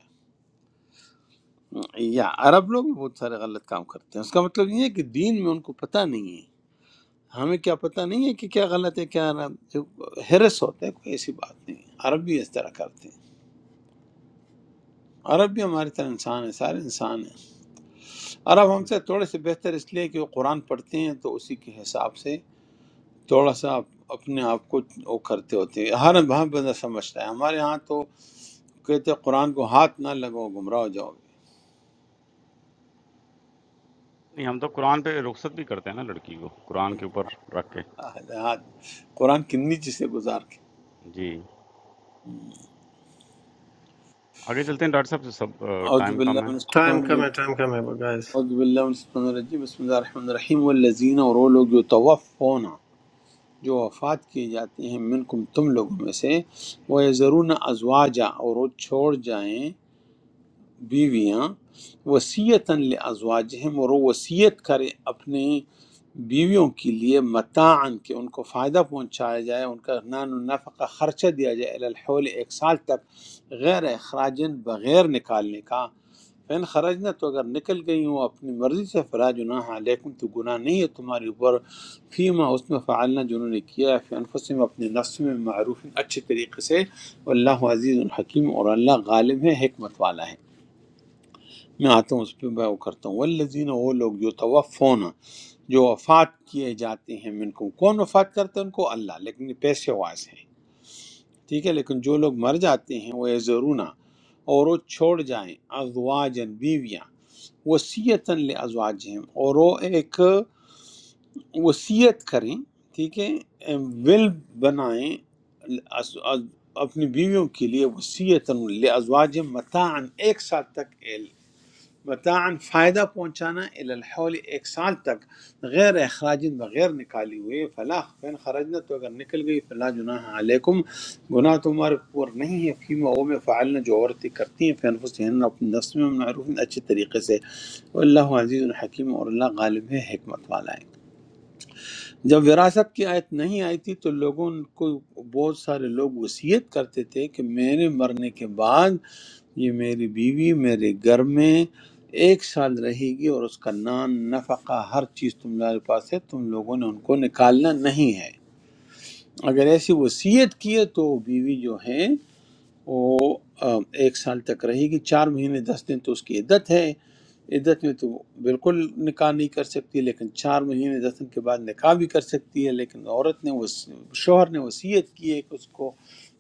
S1: ہے یا عرب لوگ بھی بہت سارے غلط کام کرتے ہیں اس کا مطلب یہ ہے کہ دین میں ان کو پتہ نہیں ہے ہمیں کیا پتہ نہیں ہے کہ کیا غلط ہے کیا نہ- جو ہیرس ہوتا ہے کوئی ایسی بات نہیں ہے عرب بھی اس طرح کرتے ہیں عرب بھی ہماری طرح انسان ہے سارے انسان ہیں عرب ہم
S6: सही
S1: سے تھوڑے سے بہتر اس لیے کہ وہ قرآن پڑھتے ہیں تو اسی کے حساب سے تھوڑا سا اپ- اپنے آپ کو وہ کرتے ہوتے ہیں ہر ہر بندہ سمجھتا ہے ہمارے ہاں تو کہتے ہیں قرآن کو ہاتھ نہ لگاؤ گمراہ ہو جاؤ گے
S6: नहीं हम तो कुरान पे रुखसत भी करते हैं ना लड़की को कुरान के ऊपर रख के
S1: ہاتھ قرآن کی نیچے سے گزار کے
S6: जी आगे चलते हैं डॉक्टर साहब सब टाइम कम है
S4: ٹائم کم ہے
S1: اعوذ
S4: ٹائم کم ہے گائز
S1: باللہ من الشیطان الرجیم بسم اللہ الرحمن الرحیم والذین اور وہ لوگ جو توفونا جو وفات کیے جاتے ہیں منکم تم لوگوں میں سے وہ ضرور ازواجا اور وہ چھوڑ جائیں بیویاں وصیتاً لازواجہم اور وہ وصیت کریں اپنے بیویوں کے لیے متاعن کہ ان کو فائدہ پہنچایا جائے ان کا نان و نفع کا خرچہ دیا جائے الی الحول ایک سال تک غیر اخراجن بغیر نکالنے کا فین خرج تو اگر نکل گئی ہوں اپنی مرضی سے فلا جناح علیکم تو گناہ نہیں ہے تمہاری اوپر فیما اس میں فعلنا جنہوں نے کیا ہے فی انفسہم اپنے نفس میں معروف اچھے طریقے سے واللہ عزیز الحکیم اور اللہ غالب ہے حکمت والا ہے میں آتا ہوں اس پہ میں وہ کرتا ہوں والذین وہ لوگ جو توفون جو وفات کیے جاتے ہیں منکم کون وفات کرتے ہیں ان کو اللہ لیکن یہ پیسے واس ہیں ٹھیک ہے لیکن جو لوگ مر جاتے ہیں وہ ضرور اور وہ چھوڑ جائیں ازواجن بیویاں وصیتاً لازواجہم اور وہ ایک وصیت کریں ٹھیک ہے ول بنائیں اس- اپنی بیویوں کے لیے وصیتاً لازواجہم متاعن ایک سال تک متاعن فائدہ پہنچانا الی الحول ایک سال تک غیر اخراج بغیر نکالی ہوئے فلا فین خرجنا تو اگر نکل گئی فلا جناح علیکم گناہ تمہارے اوپر نہیں ہے فیما او میں فعلنا جو عورتیں کرتی ہیں فین فسحن اپنے نفس میں معروف اچھے طریقے سے اللہ عزیز الحکیم اور اللہ غالب ہے حکمت والا ہے جب وراثت کی آیت نہیں آئی تھی تو لوگوں کو بہت سارے لوگ وصیت کرتے تھے کہ میرے مرنے کے بعد یہ میری بیوی میرے گھر میں ایک سال رہے گی اور اس کا نان نفقہ ہر چیز تمہارے پاس ہے تم لوگوں نے ان کو نکالنا نہیں ہے اگر ایسی وصیت کی ہے تو وہ بیوی جو ہے وہ آ، ایک سال تک رہے گی چار مہینے دس دن تو اس کی عدت ہے عدت میں تو بالکل نکاح نہیں کر سکتی لیکن چار مہینے دس دن کے بعد نکاح بھی کر سکتی ہے لیکن عورت نے وس... شوہر نے وصیت کی ہے کہ اس کو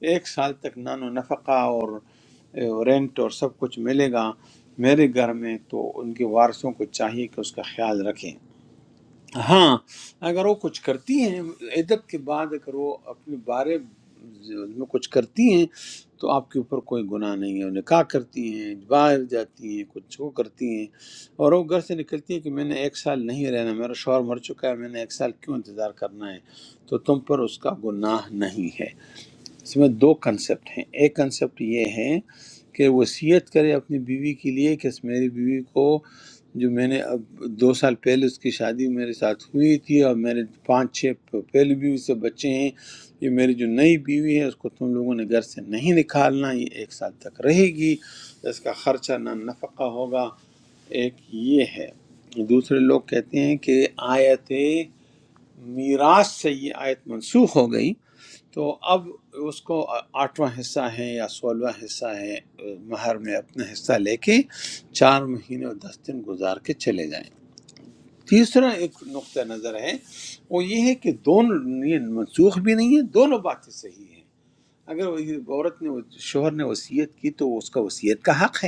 S1: ایک سال تک نان و نفقہ اور اے، رینٹ اور سب کچھ ملے گا میرے گھر میں تو ان کے وارثوں کو چاہیے کہ اس کا خیال رکھیں ہاں اگر وہ کچھ کرتی ہیں عدت کے بعد اگر وہ اپنے بارے میں کچھ کرتی ہیں تو آپ کے اوپر کوئی گناہ نہیں ہے وہ نکاح کرتی ہیں باہر جاتی ہیں کچھ وہ کرتی ہیں اور وہ گھر سے نکلتی ہیں کہ میں نے ایک سال نہیں رہنا میرا شوہر مر چکا ہے میں نے ایک سال کیوں انتظار کرنا ہے تو تم پر اس کا گناہ نہیں ہے اس میں دو کنسپٹ ہیں ایک کنسپٹ یہ ہے کہ وصیت کرے اپنی بیوی کے لیے کہ اس میری بیوی کو جو میں نے اب دو سال پہلے اس کی شادی میرے ساتھ ہوئی تھی اور میرے پانچ چھ پہلی بیوی سے بچے ہیں یہ میری جو نئی بیوی ہے اس کو تم لوگوں نے گھر سے نہیں نکالنا یہ ایک سال تک رہے گی اس کا خرچہ نہ نفقہ ہوگا ایک یہ ہے دوسرے لوگ کہتے ہیں کہ آیت میراث سے یہ آیت منسوخ ہو گئی تو اب اس کو آٹھواں حصہ ہے یا سولہواں حصہ ہے مہر میں اپنا حصہ لے کے چار مہینے اور دس دن گزار کے چلے جائیں تیسرا ایک نقطہ نظر ہے وہ یہ ہے کہ دونوں یہ منسوخ بھی نہیں ہے دونوں باتیں صحیح ہیں اگر وہ- عورت نے شوہر نے وصیت کی تو اس کا وصیت کا حق ہے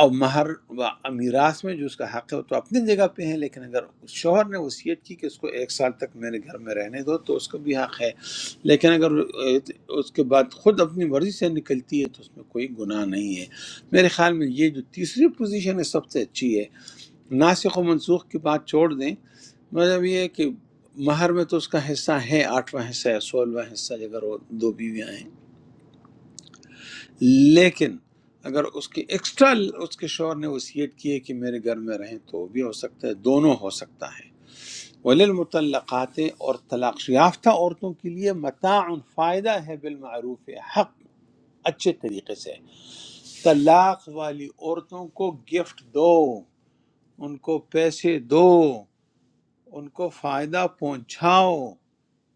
S1: اور مہر و میراث میں جو اس کا حق ہے وہ تو اپنی جگہ پہ ہے لیکن اگر شوہر نے وصیت کی کہ اس کو ایک سال تک میرے گھر میں رہنے دو تو اس کا بھی حق ہے لیکن اگر اس کے بعد خود اپنی مرضی سے نکلتی ہے تو اس میں کوئی گناہ نہیں ہے میرے خیال میں یہ جو تیسری پوزیشن ہے سب سے اچھی ہے ناسخ و منسوخ کی بات چھوڑ دیں مطلب یہ ہے کہ مہر میں تو اس کا حصہ ہے آٹھواں حصہ ہے سولہواں حصہ اگر وہ دو بیویاں ہیں لیکن اگر اس کی ایکسٹرا اس کے شوہر نے وصیت کی ہے کہ میرے گھر میں رہیں تو بھی ہو سکتا ہے دونوں ہو سکتا ہے وللمطلقات اور طلاق یافتہ عورتوں کے لیے متاع فائدہ ہے بالمعروف حق اچھے طریقے سے طلاق والی عورتوں کو گفٹ دو ان کو پیسے دو ان کو فائدہ پہنچاؤ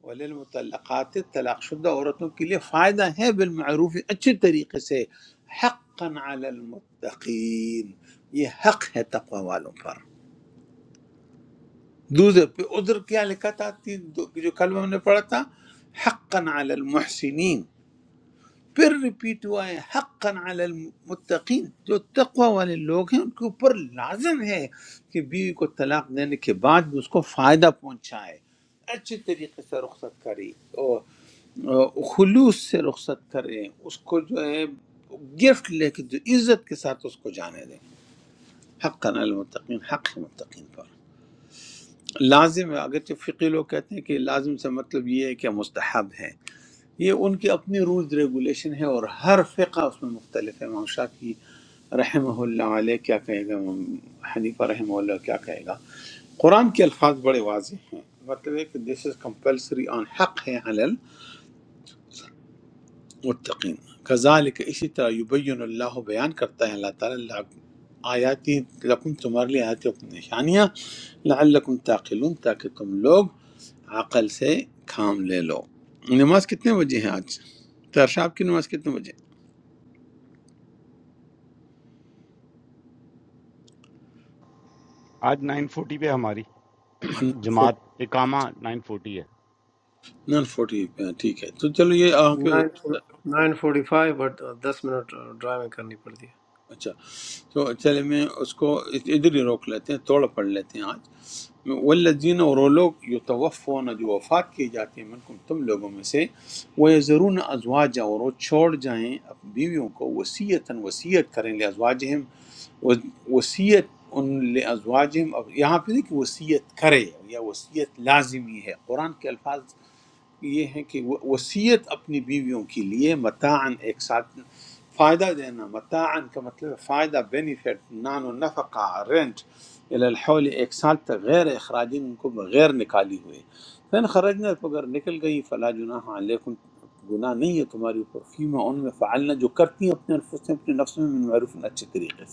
S1: وللمطلقات طلاق شدہ عورتوں کے لیے فائدہ ہے بالمعروف اچھے طریقے سے حقا علی المتقین یہ حق ہے تقوی والوں پر دوسرے پہ عذر کیا لکھا تھا تین دو- جو کل ہم نے پڑھا تھا حقا علی المحسنین پھر ریپیٹ ہوا ہے حقا علی المتقین جو تقوی والے لوگ ہیں ان کے اوپر لازم ہے کہ بیوی کو طلاق دینے کے بعد بھی اس کو فائدہ پہنچائے اچھے طریقے سے رخصت کری اور خلوص سے رخصت کریں اس کو جو ہے گفٹ لے کے جو عزت کے ساتھ اس کو جانے دیں حق المتقین حق ہے متقین پر لازم ہے اگرچہ فقی لوگ کہتے ہیں کہ لازم سے مطلب یہ ہے کہ مستحب ہے یہ ان کی اپنی رولز ریگولیشن ہے اور ہر فقہ اس میں مختلف ہے امام شافعی رحمہ اللہ علیہ کیا کہے گا امام حنیفہ رحمہ اللہ کیا کہے گا قرآن کے الفاظ بڑے واضح ہیں مطلب ہے کہ دس از کمپلسری آن حق ہے حلال متقین کذالک اسی طرح یبین اللہ بیان کرتا ہے اللہ تعالیٰ لعب- آیاتی لکم تمہارے لیے آیاتی اپنی نشانیاں لعلکم تعقلون تاکہ تم لوگ عقل سے کام لے لو نماز کتنے بجے ہے آج ترشاب کی نماز کتنے بجے
S6: आज नाइन फोर्टी पे है हमारी जमात इकामा नाइन फोर्टी है
S1: نان فورٹی پہ ہے، ٹھیک ہے تو چلو یہ یہاں پہ
S4: نائن فورٹی فائیو بٹ دس منٹ ڈرائیونگ کرنی پڑتی ہے
S1: اچھا تو چلے میں اس کو ادھر ہی روک لیتے ہیں توڑ پڑھ لیتے ہیں آج والذین اور وہ لوگ یتوفون جو وفات کیے جاتے ہیں منکم تم لوگوں میں سے وہ ضرور ازواج اور وہ چھوڑ جائیں اپنی بیویوں کو وصیتاً وصیت کریں لے ازواجہم وصیت ان لے ازواجہم اب یہاں پہ دیکھیں وصیت کرے یا وصیت لازمی ہے قرآن کے الفاظ یہ ہیں کہ وہ وصیت اپنی بیویوں کے لیے متاعن ایک ساتھ فائدہ دینا متاعن کا مطلب ہے فائدہ بینیفٹ نان و نفقہ رینٹ الی الحول ایک سال تک غیر اخراجین ان کو بغیر نکالی ہوئے فین خرجنا اگر نکل گئی فلا جناح علیکم گناہ نہیں ہے تمہاری اوپر فیما ان میں فعلنا جو کرتی ہیں اپنے انفس سے اپنے نفس میں من معروف اچھے طریقے سے۔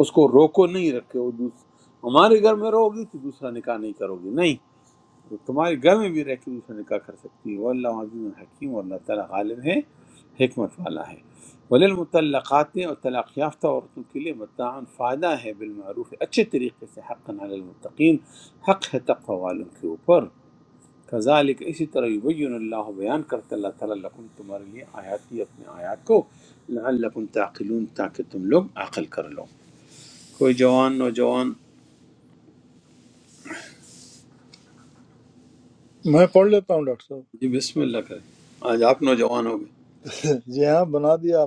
S1: اس کو روکو نہیں رکھے وہ دوس... ہمارے گھر میں رہو گی تو دوسرا نکاح نہیں کرو گی نہیں تو تمہارے گھر میں بھی رہ کے دوسرا نکاح کر سکتی ہے واللہ عزیز الحکیم اور اللہ تعالیٰ غالب ہے حکمت والا ہے وللمطلقات اور طلاق یافتہ عورتوں کے لیے متعاً فائدہ ہے بالمعروف اچھے طریقے سے حق علی المتقین حق ہے تقوی والوں کے اوپر کذالک اسی طرح یبین اللہ بیان کرتا اللہ تعالیٰ لکم تمہارے لیے آیاتی اپنے آیات کو لعلکم تعقلون تاکہ تم لوگ عقل کر لو کوئی جوان نوجوان
S7: میں پڑھ لیتا ہوں ڈاکٹر صاحب
S1: جی بسم اللہ کرے آج آپ نوجوان ہو
S7: جی ہاں بنا دیا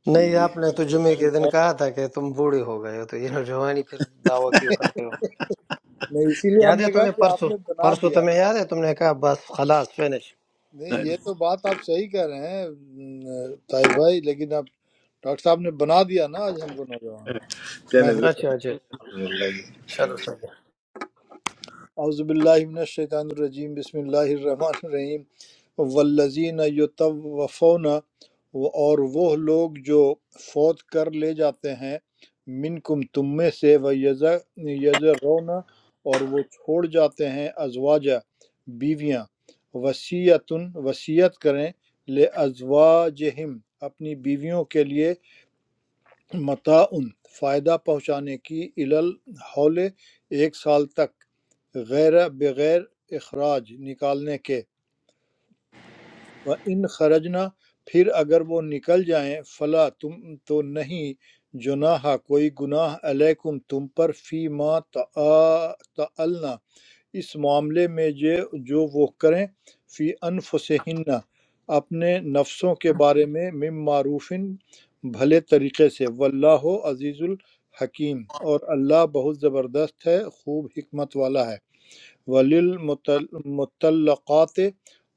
S1: گئے
S4: نہیں
S1: جی
S4: آپ نے تو جمعے کے دن
S7: آپ
S4: کہا تھا کہ تم بوڑھے ہو گئے ہو تو یہ جوانی پھر دعویٰ کیوں کرتے ہو
S7: نہیں اسی لیے
S4: یاد
S7: ہم
S4: ہے
S7: نے کہا
S4: تمہیں
S7: کہ آپ
S4: پرسوں
S7: نے بنا
S4: پرسوں
S7: دیا
S4: تمہیں یاد ہے تم نے کہا بس خلاص فنش
S7: نہیں یہ تو بات آپ صحیح کہہ رہے ہیں طاہر بھائی لیکن آپ ڈاکٹر صاحب نے بنا دیا نا آج ہم کو نوجوان میں
S1: چلے
S7: ہوں
S4: اچھا اچھا چلو صحیح ہے۔
S7: اعوذ باللہ من الشیطان الرجیم بسم اللہ الرحمن الرحیم والذین یتوفون اور وہ لوگ جو فوت کر لے جاتے ہیں منکم تم میں سے و یذرون اور وہ چھوڑ جاتے ہیں ازواجہ بیویاں وصیتن وصیت کریں لے ازواجہم اپنی بیویوں کے لیے متعن فائدہ پہنچانے کی علل حول ایک سال تک غیر بغیر اخراج نکالنے کے و ان خرجنا پھر اگر وہ نکل جائیں فلا تم تو نہیں جناح کوئی گناہ علیکم تم پر فی ما تعلنا اس معاملے میں یہ جو وہ کریں فی انفسہن اپنے نفسوں کے بارے میں مم معروفن بھلے طریقے سے واللہ عزیز الحکیم اور اللہ بہت زبردست ہے خوب حکمت والا ہے وللمطلقات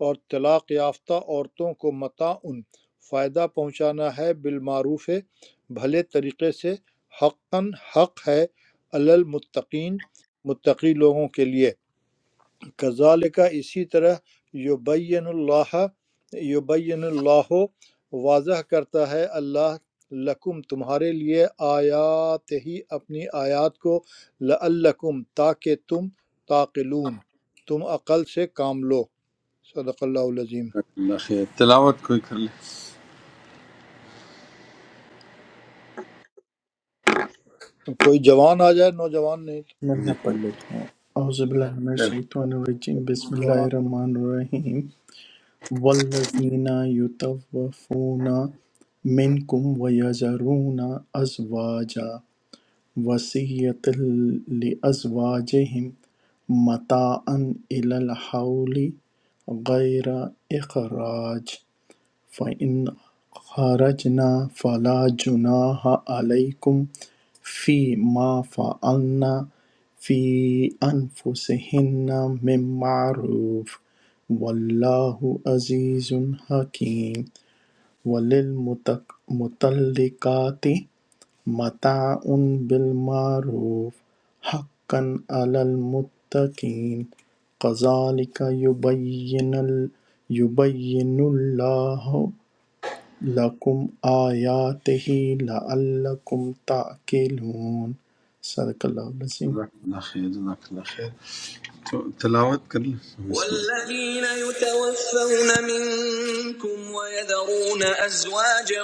S7: اور طلاق یافتہ عورتوں کو متعن فائدہ پہنچانا ہے بالمعروف ہے، بھلے طریقے سے حقاً حق ہے اللمتقین متقی لوگوں کے لیے كَذَلِكَ اسی طرح يُبَيِّنُ اللَّهُ يُبَيِّنُ اللَّهُ واضح کرتا ہے اللہ لکم تمہارے لیے آیات ہی اپنی آیات کو لعلکم تاکہ تم تاقلون تم عقل سے کام لو صدق اللہ العظیم
S1: جزاک اللہ خیر تلاوت کوئی کر لے
S7: کوئی جوان آ جائے نوجوان نہیں
S2: میں میں
S1: جی
S2: پڑھ لیتا ہوں اعوذ باللہ من الشیطان الرجیم بسم اللہ
S7: جوان
S2: الرحمن الرحیم والذين يتوفون منكم ويذرون أزواجا وصية لأزواجهم متاعا إلى الحول غير إخراج فَإِنْ خَرَجْنَ فَلَا جُنَاحَ عَلَيْكُمْ فِي مَا فَعَلْنَ فِي أَنْفُسِهِنَّ مِنْ مَعْرُوفٍ وَاللَّهُ عَزِيزٌ حَكِيمٌ وَلِلْمُطَلِّقَاتِ مَتَاعٌ بِالْمَعْرُوفِ حَقًّا عَلَى الْمُتَّقِينَ كَذَلِكَ يُبَيِّنُ يُبَيِّنُ اللَّهُ لَکُمْ آیَاتِهِ لَعَلَّکُمْ تَعْقِلُونَ صدق اللہ العظیم
S1: جزاک اللہ خیر جزاک اللہ خیر تو تلاوت کر لیں بسم اللہ
S2: والذين يتوفون منكم ويذرون أزواجا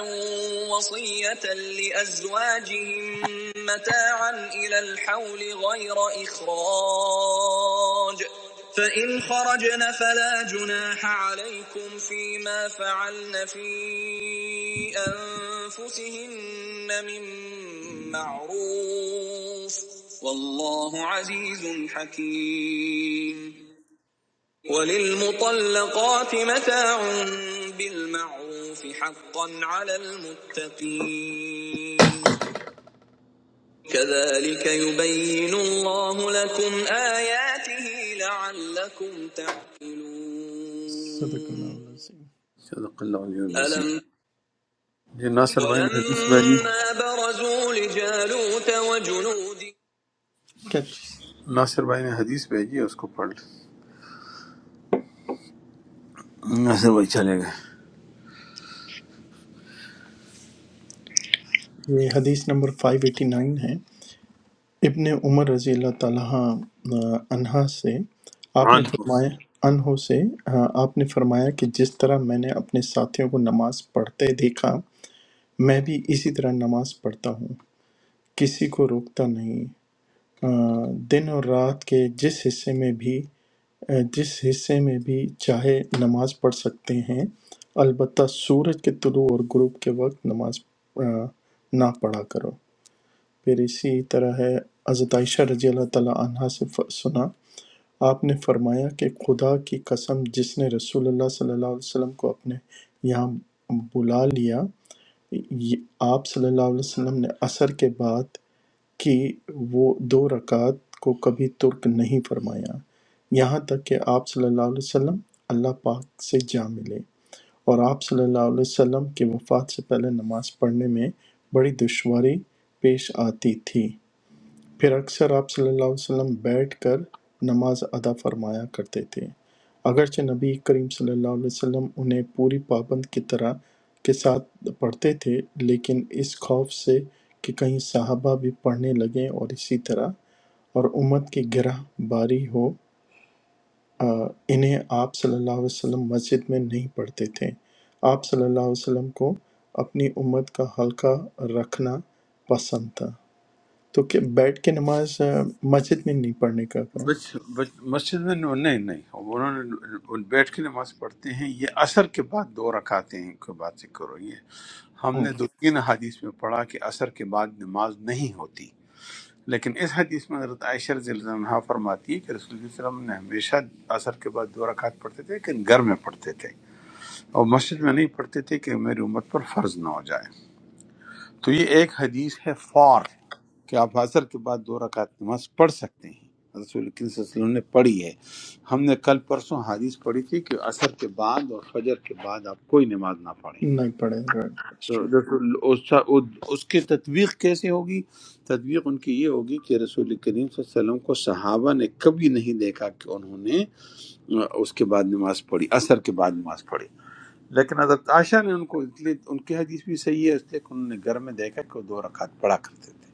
S2: وصية لأزواجهم متاعا إلى الحول غير إخراج فإن خرجن فلا جناح عليكم فيما فعلن في أنفسهن من معروف والله عزيز حكيم وللمطلقات متاع بالمعروف حقا على المتقين كذلك يبين الله لكم آياته لعلكم تعقلون صدق الله العظيم
S1: صدق اللہ علیہ العظیم
S2: ألم
S1: جی ناصر بھائی نے
S2: ولما برزوا لجالوت وجنوده
S1: ناصر بھائی نے حدیث بھیجی ہے اس کو پڑھ لیں ناصر بھائی چلے گئے
S2: ये हदीस नंबर 589 है ابن عمر رضی اللہ تعالیٰ آ، عنہا سے آپ نے
S1: عن
S2: فرمایا عنہ سے آ، آپ نے فرمایا کہ جس طرح میں نے اپنے ساتھیوں کو نماز پڑھتے دیکھا میں بھی اسی طرح نماز پڑھتا ہوں کسی کو روکتا نہیں آ، دن اور رات کے جس حصے میں بھی آ، جس حصے میں بھی چاہے نماز پڑھ سکتے ہیں البتہ سورج کے طلوع اور غروب کے وقت نماز آ، نہ پڑھا کرو پھر اسی طرح ہے حضرت عائشہ رضی اللہ تعالیٰ عنہ سے ف- سنا آپ نے فرمایا کہ خدا کی قسم جس نے رسول اللہ صلی اللہ علیہ وسلم کو اپنے یہاں بلا لیا یہ- آپ صلی اللہ علیہ وسلم نے اثر کے بعد کہ وہ دو رکعت کو کبھی ترک نہیں فرمایا یہاں تک کہ آپ صلی اللہ علیہ وسلم اللہ پاک سے جا ملے اور آپ صلی اللہ علیہ وسلم کی وفات سے پہلے نماز پڑھنے میں بڑی دشواری پیش آتی تھی پھر اکثر آپ صلی اللہ علیہ وسلم بیٹھ کر نماز ادا فرمایا کرتے تھے اگرچہ نبی کریم صلی اللہ علیہ وسلم انہیں پوری پابند کی طرح کے ساتھ پڑھتے تھے لیکن اس خوف سے کہ کہیں صحابہ بھی پڑھنے لگیں اور اسی طرح اور امت کی گرہ باری ہو آ، انہیں آپ صلی اللہ علیہ وسلم مسجد میں نہیں پڑھتے تھے آپ صلی اللہ علیہ وسلم کو اپنی امت کا حلقہ رکھنا پسند تھا تو کہ بیٹھ کے نماز آ، مسجد میں نہیں پڑھنے کا ہے
S1: بچ, بچ, مسجد میں نو- نہیں نہیں انہوں نے بیٹھ کے نماز پڑھتے ہیں یہ اثر کے بعد دو رکھاتے ہیں کے بعد سے کرو یہ ہم
S2: ہاں،
S1: نے دو تین حدیث میں پڑھا کہ اثر کے بعد نماز نہیں ہوتی لیکن اس حدیث میں حضرت عائشہ رضی اللہ عنہ فرماتی ہے کہ رسول اللہ علیہ وسلم نے ہمیشہ اثر کے بعد دو رکعت پڑھتے تھے لیکن گھر میں پڑھتے تھے اور مسجد میں نہیں پڑھتے تھے کہ میری امت پر فرض نہ ہو جائے تو یہ ایک حدیث ہے فار کہ آپ اثر کے بعد دو رکعت نماز پڑھ سکتے ہیں رسول کریم صلی اللہ علیہ وسلم نے پڑھی ہے ہم نے کل پرسوں حدیث پڑھی تھی کہ اثر کے بعد اور فجر کے بعد آپ کوئی نماز نہ پڑھیں
S2: نہیں پڑھے right, that's true.
S1: رسول اس اس کی تطبیق کیسے ہوگی تطبیق ان کی یہ ہوگی کہ رسول کریم صلی اللہ علیہ وسلم کو صحابہ نے کبھی نہیں دیکھا کہ انہوں نے اس کے بعد نماز پڑھی اثر کے بعد نماز پڑھی لیکن حضرت عائشہ نے ان کو اس لیے ان کی حدیث بھی صحیح ہے اس لیے کہ انہوں نے گھر میں دیکھا کہ وہ دو رکعت پڑھا کرتے تھے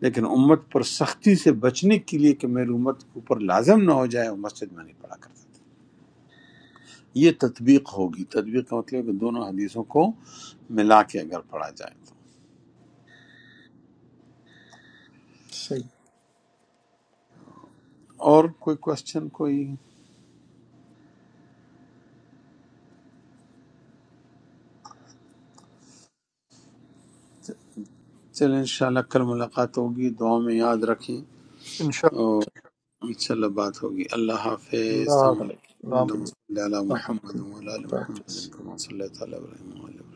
S1: لیکن امت پر سختی سے بچنے کے لیے کہ میری امت کے اوپر لازم نہ ہو جائے وہ مسجد میں نہیں پڑھا کرتے تھے یہ تطبیق ہوگی تطبیق کا مطلب ہے کہ دونوں حدیثوں کو ملا کے اگر پڑھا جائے
S2: صحیح
S1: اور کوئی کوشچن کوئی چلیں انشاءاللہ کل ملاقات ہوگی دعا میں یاد رکھیں
S7: ان شاء
S1: اور انشاءاللہ بات ہوگی اللہ حافظ السلام علیکم
S7: اللہ
S2: اوکے
S1: اللہم
S2: جی
S1: صلی علی
S2: السلام
S1: محمد
S2: علیکم
S1: وعلی آل
S2: خدا حافظ
S1: محمد کما صلی تعالی علیہ وسلم